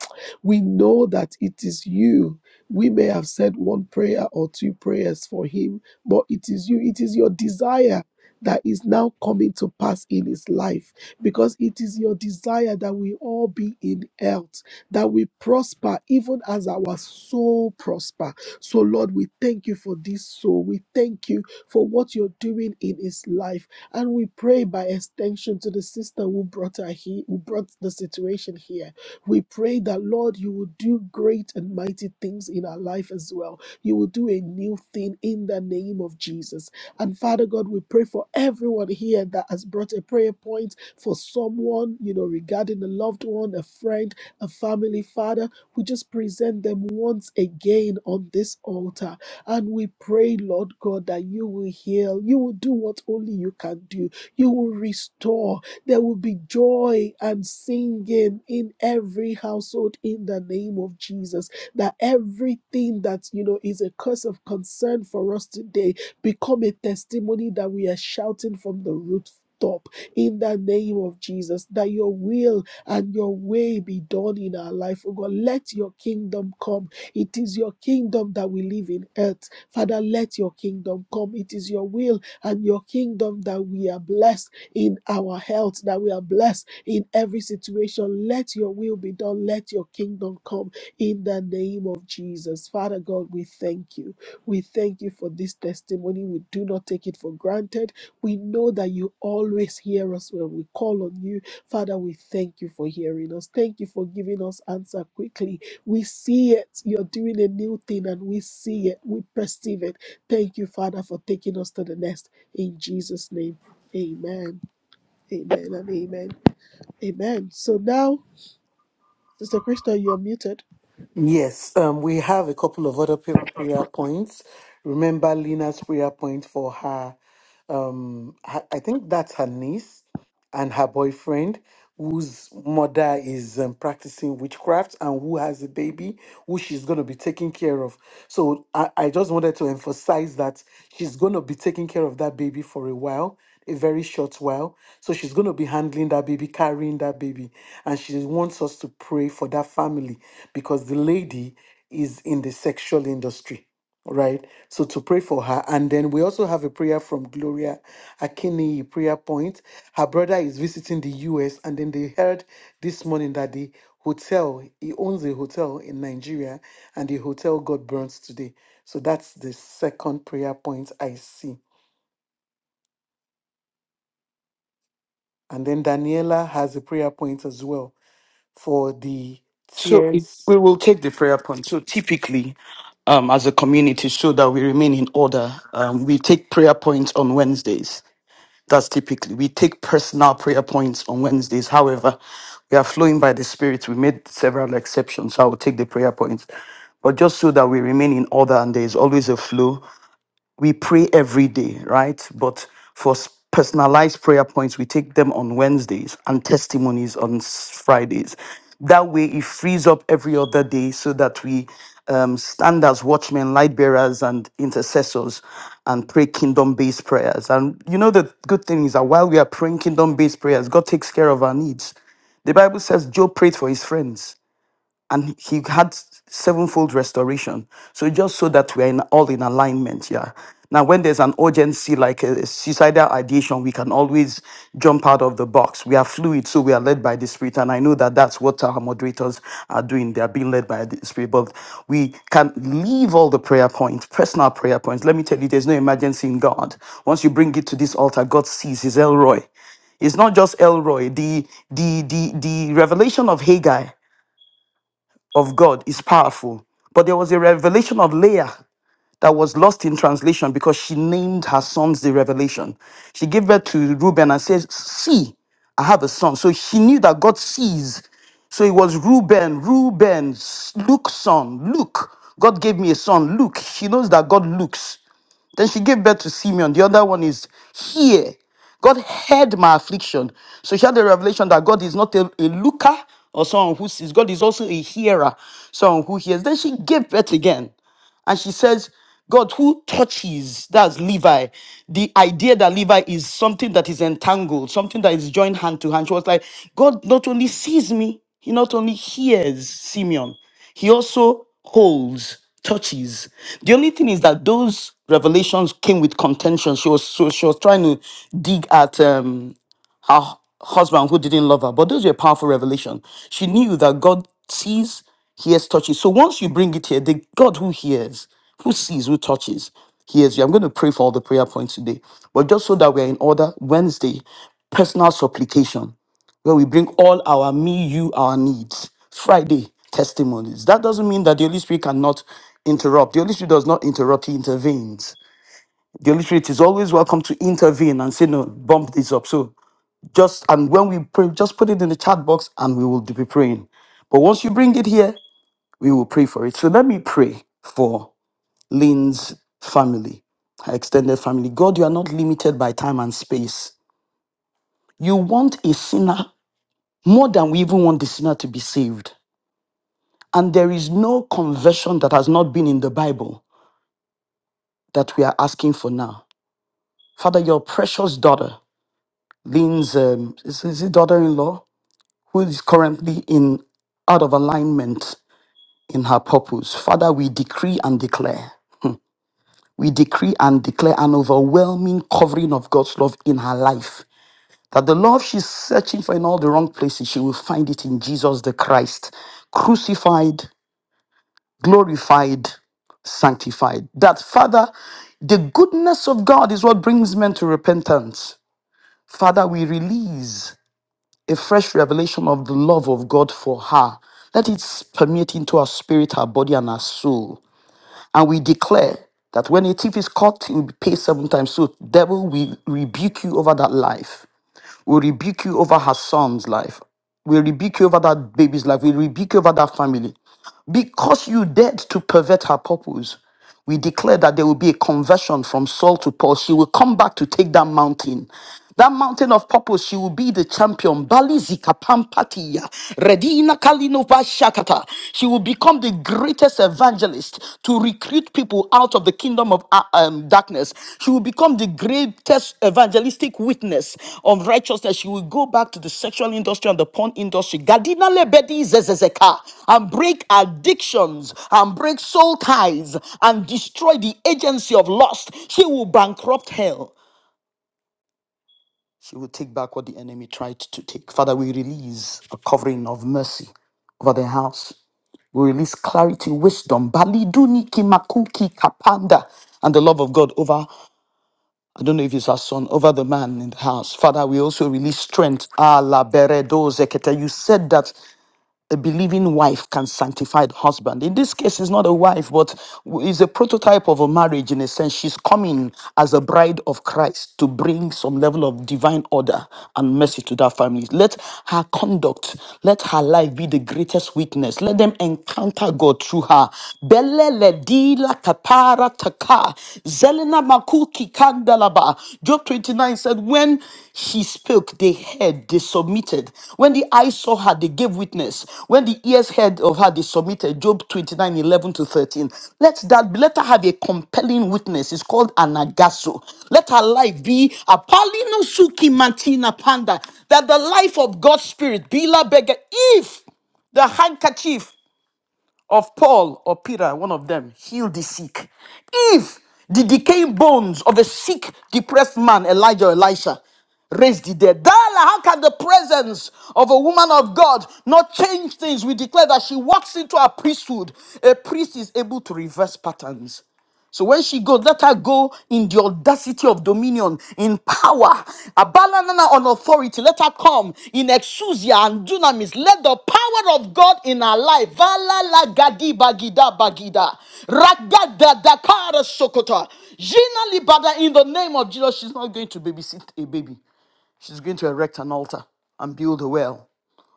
We know that it is you. We may have said one prayer or two prayers for him, but it is you. It is your desire that is now coming to pass in his life because it is your desire that we all be in health that we prosper even as our soul prosper. So Lord, we thank you for this soul. We thank you for what you're doing in his life. And we pray by extension to the sister who brought her here, who brought the situation here. We pray that Lord, you will do great and mighty things in our life as well. You will do a new thing in the name of Jesus. And Father God, we pray for everyone here that has brought a prayer point for someone, you know, regarding a loved one, a friend and family, Father, we just present them once again on this altar. And we pray, Lord God, that you will heal. You will do what only you can do. You will restore. There will be joy and singing in every household in the name of Jesus. That everything that, you know, is a curse of concern for us today become a testimony that we are shouting from the rooftop in the name of Jesus. That your will and your way be done in our life, oh God. Let your kingdom come. It is your kingdom that we live in earth. Father, let your kingdom come. It is your will and your kingdom that we are blessed in our health, that we are blessed in every situation. Let your will be done. Let your kingdom come in the name of Jesus. Father God, we thank you. We thank you for this testimony. We do not take it for granted. We know that you always hear us when we call on you Father, we thank you for hearing us. Thank you for giving us answer quickly. We see it. You're doing a new thing and we see it. We perceive it. Thank you, Father, for taking us to the next. In Jesus' name, amen. Amen and amen. Amen. So now, Sister Crystal, you're muted. Yes, um, we have a couple of other pa- prayer points. Remember Lina's prayer point for her, um, her, I think that's her niece and her boyfriend whose mother is um, practicing witchcraft and who has a baby who she's going to be taking care of so I, I just wanted to emphasize that she's going to be taking care of that baby for a while a very short while so she's going to be handling that baby carrying that baby and she wants us to pray for that family because the lady is in the sexual industry right? So to pray for her. And then we also have a prayer from Gloria Akini prayer point. Her brother is visiting the US, and then they heard this morning that the hotel, he owns a hotel in Nigeria, and the hotel got burnt today. So that's the second prayer point I see. And then Daniela has a prayer point as well for the So it, tears. we will take the prayer point. So typically, um, as a community, so that we remain in order, um, we take prayer points on Wednesdays. That's typically, we take personal prayer points on Wednesdays. However, we are flowing by the Spirit. We made several exceptions, so I will take the prayer points. But just so that we remain in order and there is always a flow, we pray every day, right? But for s- personalized prayer points, we take them on Wednesdays and testimonies on s- Fridays. That way, it frees up every other day so that we um, stand as watchmen, light bearers, and intercessors and pray kingdom based prayers. And you know, the good thing is that while we are praying kingdom based prayers, God takes care of our needs. The Bible says Job prayed for his friends and he had sevenfold restoration. So just so that we're in, all in alignment, yeah. Now, when there's an urgency like a suicidal ideation, we can always jump out of the box. We are fluid, so we are led by the Spirit, and I know that that's what our moderators are doing. They are being led by the Spirit, but we can leave all the prayer points, personal prayer points. Let me tell you, there's no emergency in God. Once you bring it to this altar, God sees His Elroy. It's not just Elroy. The the the the revelation of Haggai of God is powerful. But there was a revelation of Leah that was lost in translation because she named her sons the revelation. She gave birth to Reuben and says, See, I have a son. So she knew that God sees. So it was Reuben, Reuben, s- Luke's son, Luke. God gave me a son, Luke. She knows that God looks. Then she gave birth to Simeon. The other one is here. God heard my affliction. So she had the revelation that God is not a, a looker or someone who sees. God is also a hearer, someone who hears. Then she gave birth again. And she says, God, who touches, that's Levi. The idea that Levi is something that is entangled, something that is joined hand to hand. She was like, God not only sees me, he not only hears Simeon, he also holds, touches. The only thing is that those revelations came with contention. She was so she was trying to dig at um a husband who didn't love her. But those were powerful revelation. She knew that God sees, hears, touches. So once you bring it here, the God who hears, who sees, who touches, hears you. I'm going to pray for all the prayer points today. But just so that we're in order, Wednesday, personal supplication, where we bring all our me, you, our needs. Friday, testimonies. That doesn't mean that the Holy Spirit cannot interrupt. The Holy Spirit does not interrupt, he intervenes. The Holy Spirit is always welcome to intervene and say, no, bump this up. So just and when we pray, just put it in the chat box and we will be praying. But once you bring it here, we will pray for it. So let me pray for Lynn's family, her extended family. God, you are not limited by time and space. You want a sinner more than we even want the sinner to be saved. And there is no conversion that has not been in the Bible that we are asking for now. Father, your precious daughter, Lynn's um, is, is it daughter-in-law, who is currently in out of alignment in her purpose. Father, we decree and declare. We decree and declare an overwhelming covering of God's love in her life. That the love she's searching for in all the wrong places, she will find it in Jesus the Christ, crucified, glorified, sanctified. That, Father, the goodness of God is what brings men to repentance. Father, we release a fresh revelation of the love of God for her. Let it permeate into her spirit, her body, and her soul. And we declare that when a thief is caught, he will be paid seven times. So, devil, we rebuke you over that life. We rebuke you over her son's life. We rebuke you over that baby's life. We rebuke you over that family. Because you dared to pervert her purpose, we declare that there will be a conversion from Saul to Paul. She will come back to take that mountain. That mountain of purpose, she will be the champion. Bali zikapampatia, redina kalinova shakata. She will become the greatest evangelist evangelist to recruit people out of the kingdom of uh, um, darkness. She will become the greatest evangelistic witness of righteousness. She will go back to the sexual industry and the porn industry. Gadina lebedi zezezeka and break addictions and break soul ties and destroy the agency of lust. She will bankrupt hell. She will take back what the enemy tried to take. Father, we release a covering of mercy over the house. We release clarity, wisdom, baliduni kimakuki kapanda, and the love of God over, I don't know if it's our son, over the man in the house. Father, we also release strength. Ah Ala beredo zekete. You said that the believing wife can sanctify the husband. In this case, it's not a wife, but is a prototype of a marriage in a sense. She's coming as a bride of Christ to bring some level of divine order and mercy to that family. Let her conduct, let her life be the greatest witness. Let them encounter God through her. Belele di la kapara taka. Zelena makuki Abba. Job 29 said, When she spoke, they heard, they submitted. When the eyes saw her, they gave witness. When the ears heard of her, they submitted. Job 29 11 to 13. Let that be, let her have a compelling witness. It's called anagaso. Let her life be a palino suki mantina panda. That the life of God's spirit, bila bega, if the handkerchief of Paul or Peter, one of them, healed the sick. If the decaying bones of a sick, depressed man, Elijah or Elisha, raised the dead, Dala, how can the presence of a woman of God not change things? We declare that she walks into a priesthood. A priest is able to reverse patterns. So when she goes, let her go in the audacity of dominion, in power, abandoning on authority. Let her come in exousia and dunamis. Let the power of God in her life. Vala la gadi bagida bagida. Ragada dakara sokota. Jina libada in the name of Jesus. She's not going to babysit a baby. She's going to erect an altar and build a well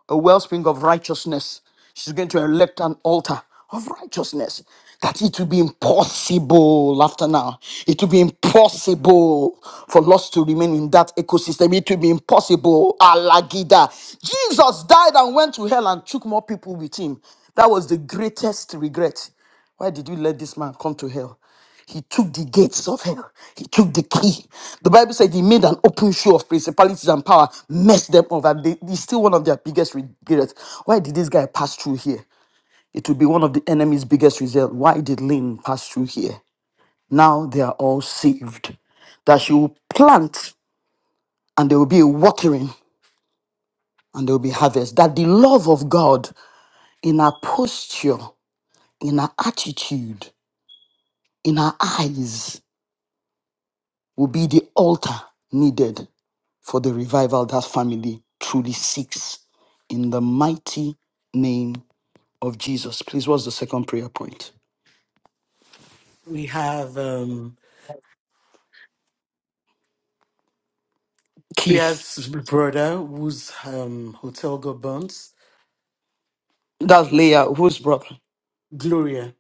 a wellspring of righteousness. She's going to erect an altar of righteousness. That it will be impossible after now. It will be impossible for us to remain in that ecosystem. It will be impossible. Alagida. Jesus died and went to hell and took more people with him. That was the greatest regret. Why did you let this man come to hell? He took the gates of hell. He took the key. The Bible said he made an open show of principalities and power, messed them up, and they, he's still one of their biggest regrets. Why did this guy pass through here? It would be one of the enemy's biggest regrets. Why did Lynn pass through here? Now they are all saved. That she will plant and there will be a watering and there will be harvest. That the love of God in our posture, in our attitude, in our eyes will be the altar needed for the revival that family truly seeks in the mighty name of Jesus. Please, what's the second prayer point? We have um Keith, Priya's brother whose um hotel got burnt. that's Leah, whose brother? Gloria.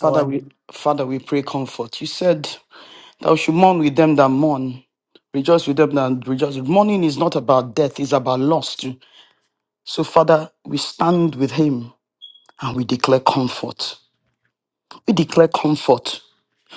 Father, our we Father, we pray comfort. You said thou should mourn with them that mourn, rejoice with them that rejoice. Mourning is not about death; it's about loss too. So, Father, we stand with him and we declare comfort. We declare comfort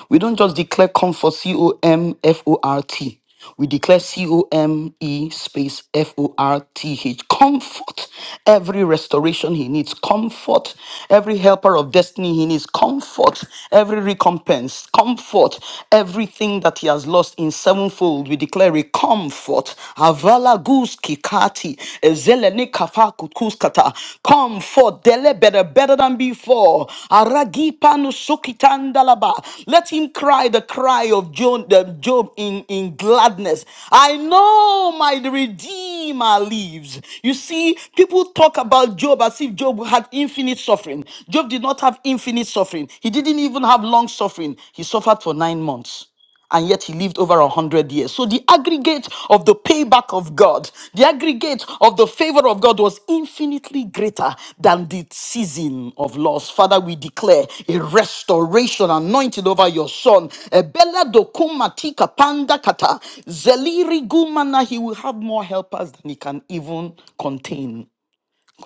We don't just declare comfort, C O M F O R T. We declare C O M E space F O R T H. Comfort every restoration he needs, comfort every helper of destiny he needs, comfort every recompense, comfort everything that he has lost in sevenfold. We declare a comfort. Avala guski kati, kafakutuskata. Come forth, dele better, better than before. Aragipanu sukitandalaba. Let him cry the cry of Job, Job in, in gladness. I know my Redeemer lives. You see, people talk about Job as if Job had infinite suffering. Job did not have infinite suffering, he didn't even have long suffering. He suffered for nine months and yet he lived over a hundred years. So the aggregate of the payback of God, the aggregate of the favor of God was infinitely greater than the season of loss. Father, we declare a restoration anointed over your son. Ebela dokumatika panda kata zeliri gumana. He will have more helpers than he can even contain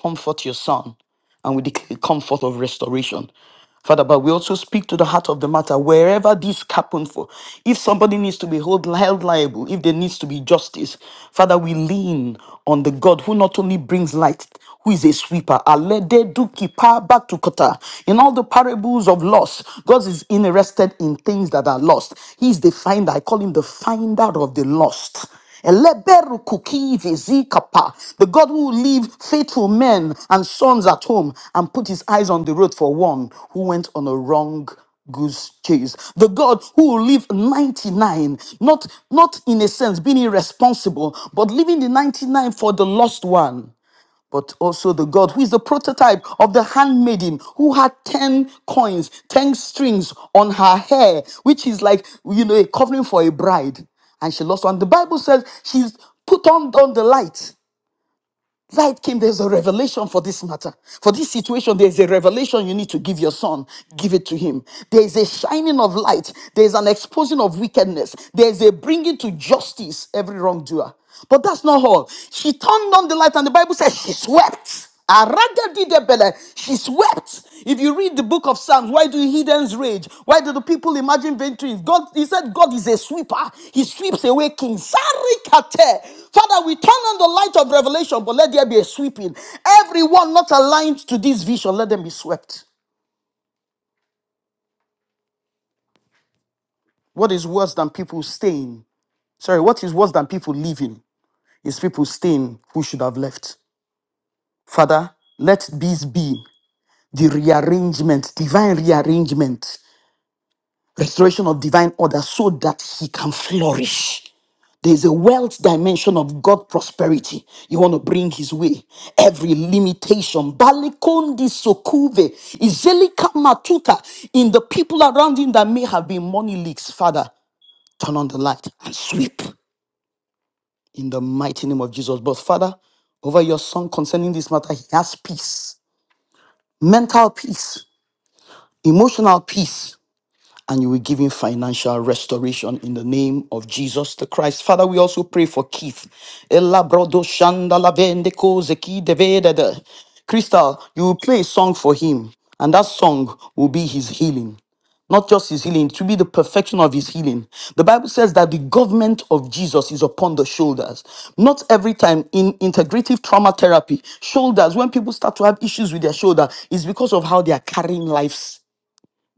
comfort your son. And we declare comfort of restoration. Father, but we also speak to the heart of the matter wherever this happened for. If somebody needs to be hold, held liable, if there needs to be justice, Father, we lean on the God who not only brings light, who is a sweeper. Alede duki pa batukota. In all the parables of loss, God is interested in things that are lost. He is the finder. I call him the finder of the lost. Eleberu kukivi zikapa, The God who will leave faithful men and sons at home and put his eyes on the road for one who went on a wrong goose chase. The God who will leave 99, not, not in a sense being irresponsible, but leaving the 99 for the lost one but also the God who is the prototype of the handmaiden who had 10 coins, 10 strings on her hair, which is like, you know, a covering for a bride. And she lost one. The Bible says she's put on, on the light. Light came, there's a revelation for this matter. For this situation, there's a revelation you need to give your son. Give it to him. There's a shining of light. There's an exposing of wickedness. There's a bringing to justice every wrongdoer. But that's not all. She turned on the light, and the Bible says she swept. Aragadidebele. She swept. If you read the book of Psalms, why do heathens rage? Why do the people imagine vain dreams? God, he said, God is a sweeper. He sweeps away kings. Sarikate. Father, we turn on the light of revelation, but let there be a sweeping. Everyone not aligned to this vision, let them be swept. What is worse than people staying? Sorry, what is worse than people leaving is people staying who should have left. Father, let this be the rearrangement, divine rearrangement restoration of divine order so that he can flourish. There's a wealth dimension of God prosperity. You want to bring his way. Every limitation. Balikondi sokuve. Izelika matuka. In the people around him that may have been money leaks. Father, turn on the light and sweep. In the mighty name of Jesus. But Father, over your son concerning this matter, he has peace. Mental peace. Emotional peace and you will give him financial restoration in the name of Jesus the Christ. Father, we also pray for Keith. Ella brodo shanda la vende koze ki de vede de. Crystal, you will play a song for him, and that song will be his healing not just his healing, to be the perfection of his healing. The Bible says that the government of Jesus is upon the shoulders. Not every time in integrative trauma therapy, shoulders, when people start to have issues with their shoulder, is because of how they are carrying life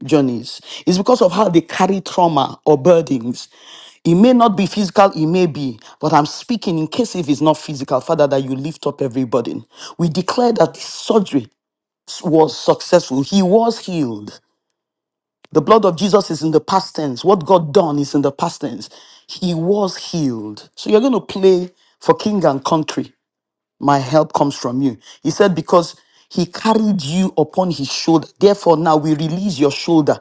journeys. It's because of how they carry trauma or burdens. It may not be physical, it may be, but I'm speaking in case if it's not physical, Father, that you lift up every burden. We declare that this surgery was successful. He was healed. The blood of Jesus is in the past tense. What God done is in the past tense. He was healed. So you're going to play for king and country. My help comes from you. He said, because he carried you upon his shoulder. Therefore, now we release your shoulder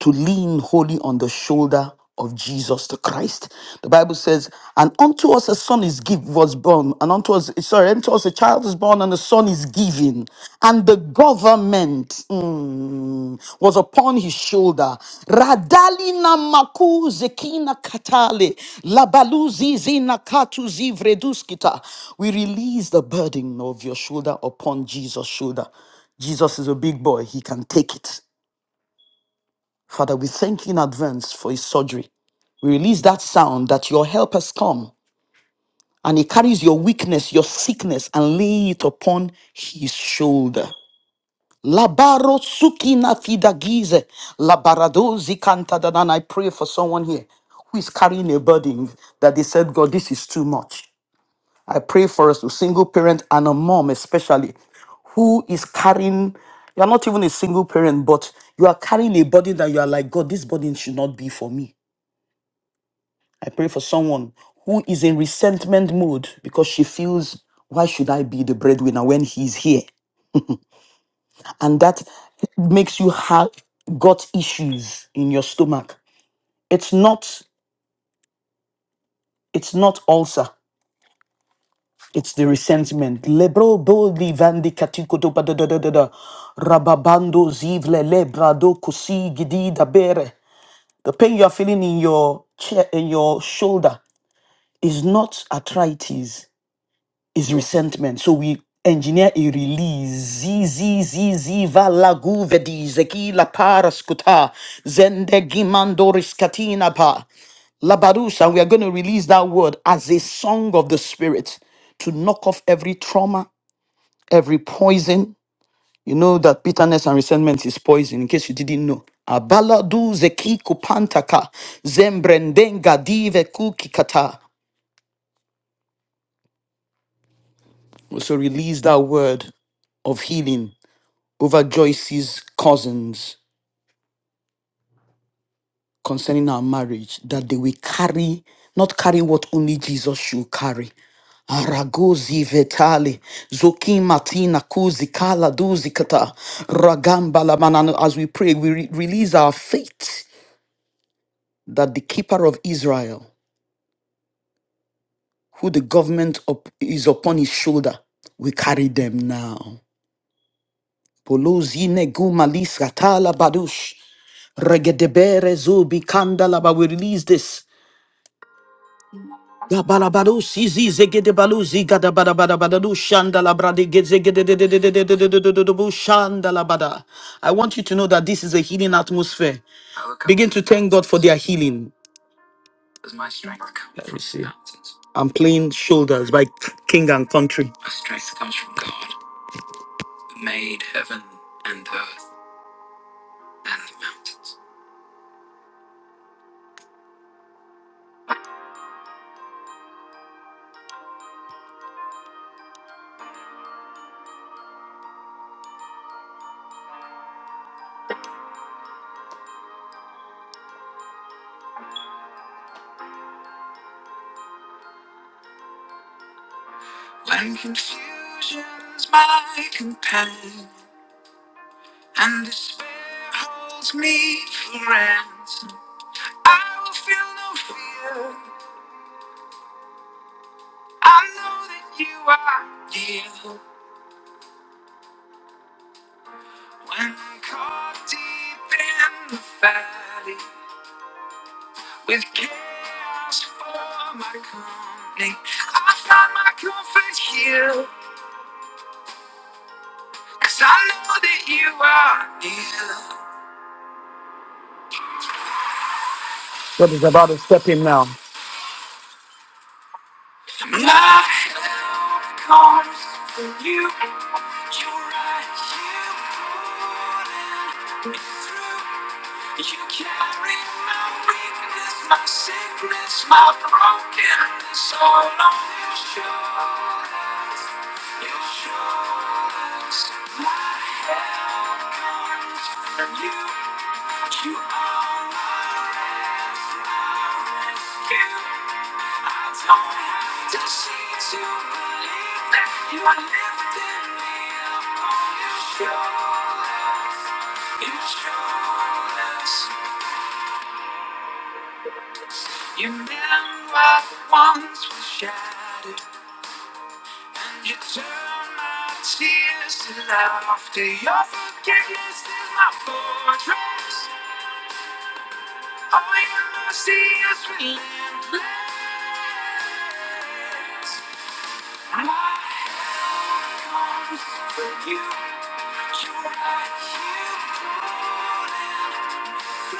to lean wholly on the shoulder of Jesus the Christ. The Bible says, and unto us a son is give was born, and unto us sorry, unto us a child is born, and a son is given, and the government mm, was upon his shoulder. Radalina maku zekina katale labaluzi zina katu zivreduskita. We release the burden of your shoulder upon Jesus' shoulder. Jesus is a big boy. He can take it. Father, we thank you in advance for his surgery. We release that sound that your help has come and he carries your weakness, your sickness, and lay it upon his shoulder. Labaro sukina fidagize. Labarado zikanta dadan. I pray for someone here who is carrying a burden that they said, God, this is too much. I pray for us to single parent and a mom, especially who is carrying. You're not even a single parent, but you are carrying a burden that you are like, God, this burden should not be for me. I pray for someone who is in resentment mode because she feels, why should I be the breadwinner when he's here? And that makes you have gut issues in your stomach. It's not, it's not ulcer. It's the resentment. Lebro do livandi katiko do ba da da da da da. Rababando zivle lebrado kusi gidi da bere. The pain you are feeling in your chair, in your shoulder, is not arthritis, is resentment. So we engineer a release. Z z z z valagu vedi zeki la paraskuta zendegi mandoris katina pa. Labarus, and we are going to release that word as a song of the spirit to knock off every trauma every poison. You know that bitterness and resentment is poison, in case you didn't know. Abaladu zeki kupantaka, zembrendenga dive kukikata. Also release that word of healing over Joyce's cousins concerning our marriage, that they will carry, not carry what only Jesus should carry. Aragozi vetali, zoki matina kuzi kala duzi kata, ragamba la manano. As we pray, we re- release our faith That the keeper of Israel, who the government is upon his shoulder, we carry them now. We release this. I want you to know that this is a healing atmosphere. Begin to thank God for their healing. Is my strength come Let me from see. mountains? I'm playing Shoulders by King and Country. My strength comes from God, who made heaven and earth and the mountains. When confusion is my companion and despair holds me for ransom, I will feel no fear. I know that you are near. When I'm caught deep in the valley, With chaos for my company, I found my comfort here, 'cause I know that you are near. What is about to step in now? My help comes from you. You're right, you pulling me through. You carry my weakness, my sickness, my brokenness all on your shoulders. You You you're are my my rest, my rescue. I don't have to to see to believe that you are lifting me up on your shoulders, Your shoulders. shoulders, never once was shattered. You turn my tears to laughter. Your forgiveness is my fortress. All your mercy is relentless. My help comes from you. You're right here calling. My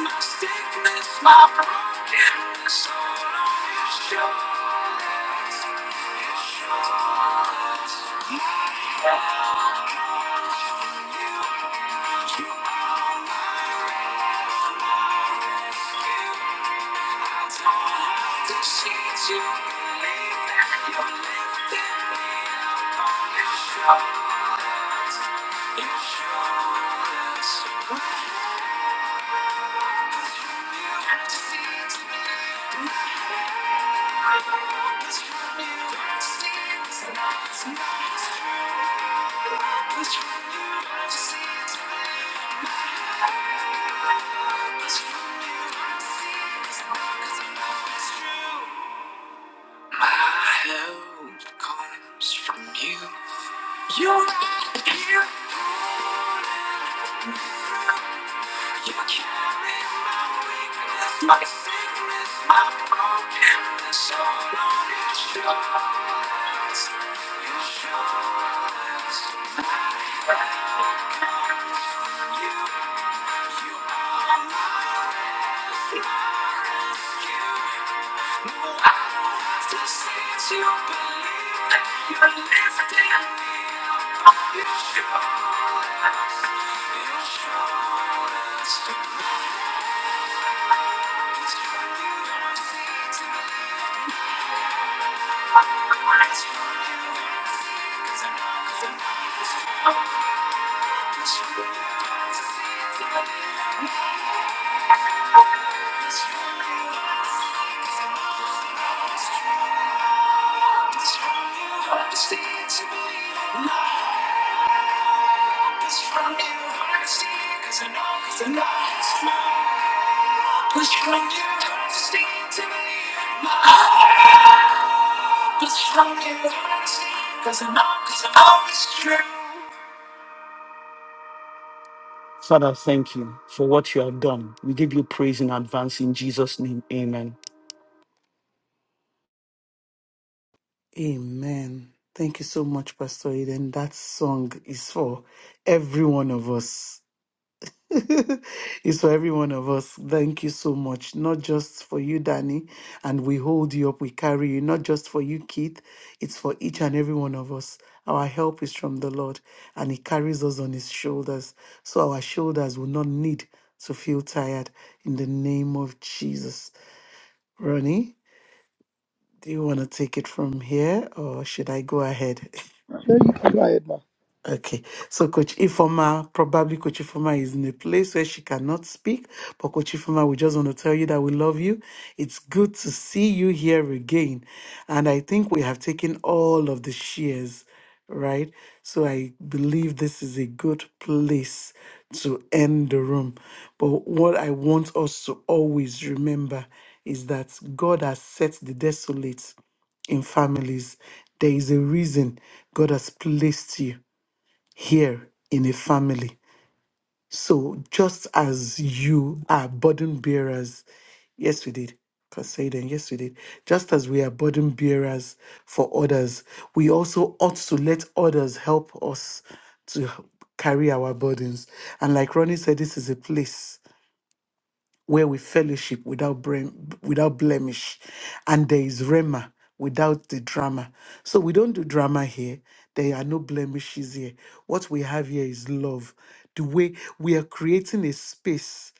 my sickness, my brokenness all on your shoulders. Your shoulders. My help comes from you. You are my Insurance. You are here. You carry my weakness, my sickness, my brokenness all on your shoulders. Your shoulders. You, you are my, my rescue. No, I don't have to see to believe that you're lifting me up on your shoulders. Your shoulders. Push from you, hard to stay to believe. Father, thank you for what you have done. We give you praise in advance in Jesus' name. Amen. Amen. Thank you so much, Pastor Eden. That song is for every one of us. [laughs] it's for every one of us. Thank you so much. Not just for you, Danny, and we hold you up, we carry you. Not just for you, Keith. It's for each and every one of us. Our help is from the Lord, and He carries us on His shoulders. So our shoulders will not need to feel tired in the name of Jesus. Ronnie, do you want to take it from here or should I go ahead? [laughs] No, you can go ahead, ma. Okay, so Coach Ifoma, probably Coach Ifoma is in a place where she cannot speak, but Coach Ifoma, we just want to tell you that we love you. It's good to see you here again. And I think we have taken all of the shares, right? So I believe this is a good place to end the room. But what I want us to always remember is that God has set the desolate in families. There is a reason God has placed you here in a family. So just as you are burden bearers, yes, we did. Poseidon, yes, we did. Just as we are burden bearers for others, we also ought to let others help us to h- carry our burdens. And like Ronnie said, this is a place where we fellowship without blem- without blemish, and there is rema without the drama. So we don't do drama here. There are no blemishes here. What we have here is love. The way we are creating a space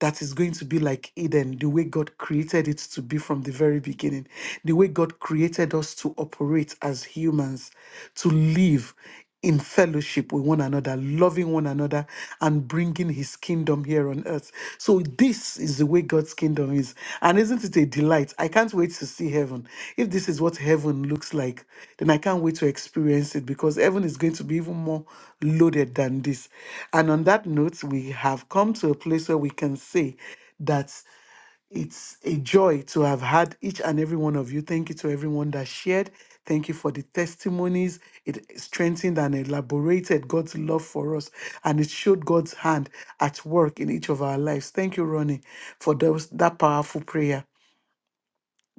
that is going to be like Eden, the way God created it to be from the very beginning, the way God created us to operate as humans, to live in fellowship with one another, loving one another, and bringing his kingdom here on earth. So, this is the way God's kingdom is. And isn't it a delight? I can't wait to see heaven. If this is what heaven looks like, then I can't wait to experience it because heaven is going to be even more loaded than this. And on that note, we have come to a place where we can say, that it's a joy to have had each and every one of you. Thank you to everyone that shared. Thank you for the testimonies. It strengthened and elaborated God's love for us, and it showed God's hand at work in each of our lives. Thank you, Ronnie, for those, that powerful prayer.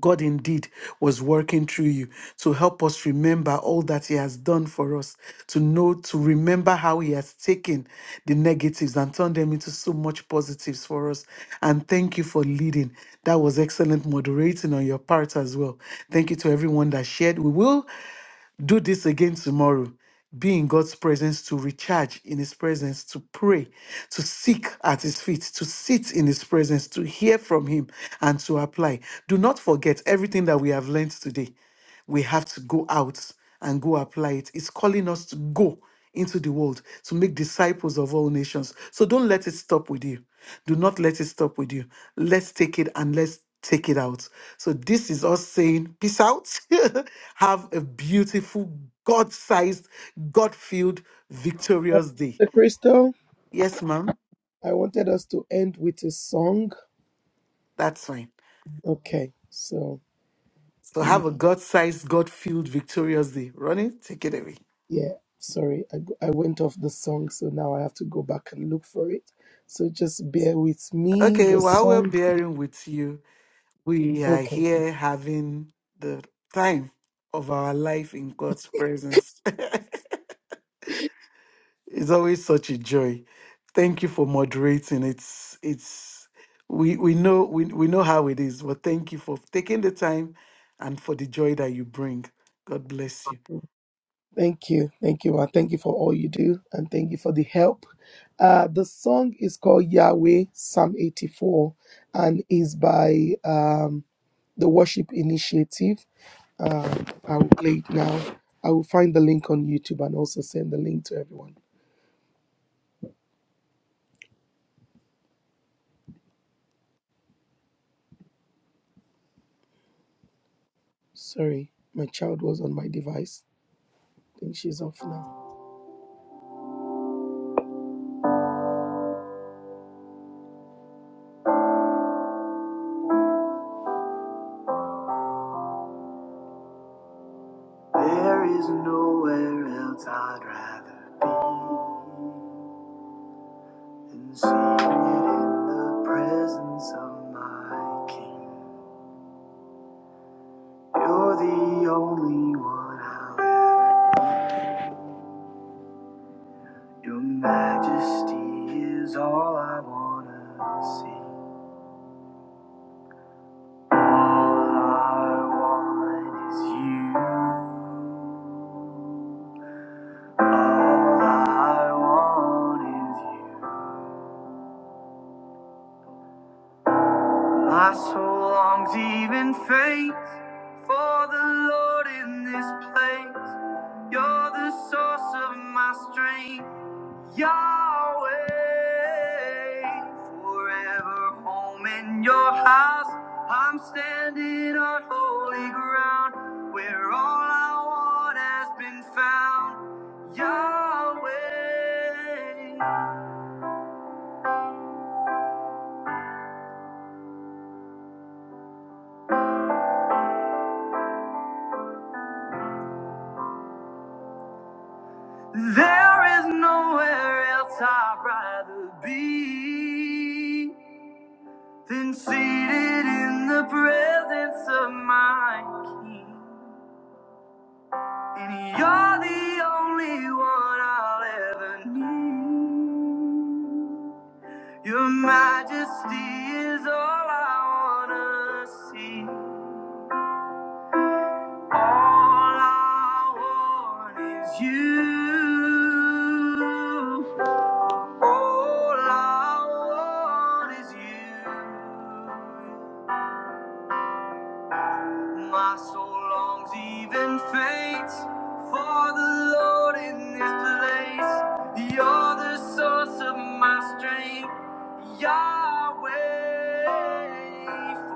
God indeed was working through you to help us remember all that He has done for us, to know, to remember how He has taken the negatives and turned them into so much positives for us. And thank you for leading. That was excellent moderating on your part as well. Thank you to everyone that shared. We will. Do this again tomorrow. Be in God's presence to recharge in His presence, to pray, to seek at His feet, to sit in His presence, to hear from Him, and to apply. Do not forget everything that we have learned today. We have to go out and go apply it. It's calling us to go into the world to make disciples of all nations. So don't let it stop with you. Do not let it stop with you. Let's take it and let's take it out. So this is us saying, peace out. [laughs] Have a beautiful, God sized, God filled, Uh, victorious day. Sister Crystal, Yes, ma'am. I wanted us to end with a song. That's fine. Okay, so. So have a God sized, God filled, victorious day. Ronnie, take it away. Yeah, sorry, I, go- I went off the song, so now I have to go back and look for it. So just bear with me. Okay, The while we're song. bearing with you, We are Okay, thank, here having the time of our life in God's presence. [laughs] it's always such a joy. Thank you for moderating. It's it's we we know we, we know how it is, but thank you for taking the time and for the joy that you bring. God bless you. thank you. Thank you, and thank you for all you do, and thank you for the help. Uh, the song is called Yahweh, Psalm 84, and is by um, the Worship Initiative. Uh, I will play it now. I will find the link on YouTube and also send the link to everyone. Sorry, my child was on my device. I think she's off now. and see it in the presence of my King. You're the only one I live. Your majesty is all I wanna see. All I want is you. All I want is you. My soul longs even faints for the Lord in this place. You're the source of my strength, Yahweh. Forever home in your house, I'm standing on holy ground where all I want has been found, Yahweh. There is nowhere else I'd rather be than seated in the presence of my King. And you're the only one I'll ever need. Your majesty is all I wanna see. All I want is you. All I want is you. My soul longs, even faints, for the Lord in this place. You're the source of my strength, Yahweh.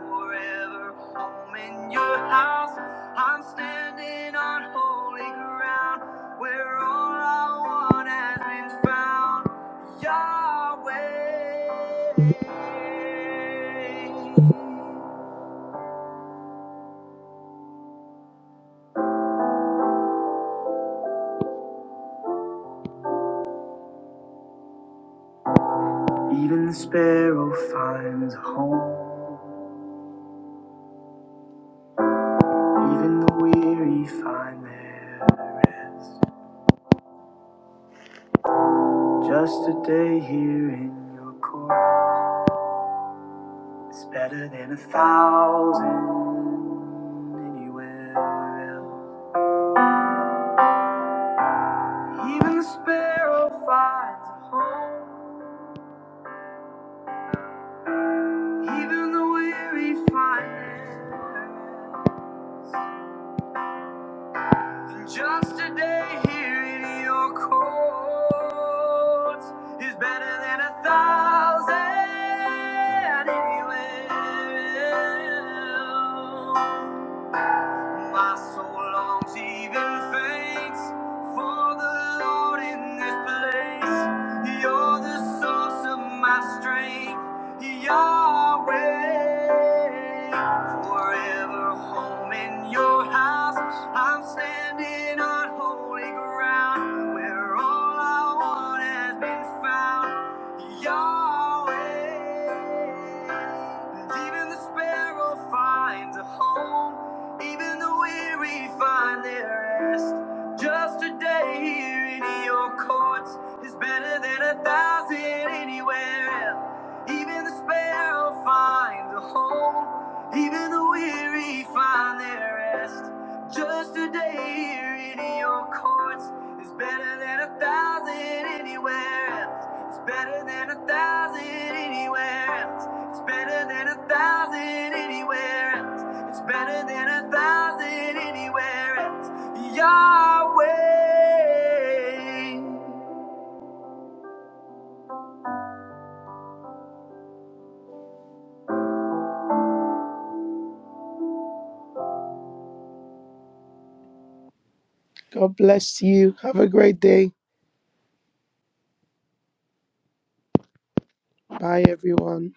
Forever home in your house, I'm standing on holy ground where all I want has been found, Yahweh. Even the sparrow finds a home, even the weary find their rest. Just a day here in your court is better than a thousand anywhere else. Even the sparrow finds a home, even the weary find their rest. than Just a day here in your courts is better than a thousand anywhere else. My soul longs, even faints, for the Lord in this place. You're the source of my strength, Yahweh. Forever home in your house, I'm standing on holy ground. where where all I want has been found. Yahweh. And even the sparrow finds a home, even the weary find their rest. Just a day here in your courts is better than a thousand anywhere else. Even the sparrow finds a home, even the weary find their rest. Just a day here in your courts is better than a thousand anywhere else. It's better than a thousand anywhere else. It's better than a thousand anywhere else. It's better than a thousand anywhere else. Yahweh. God bless you. Have a great day. Bye, everyone.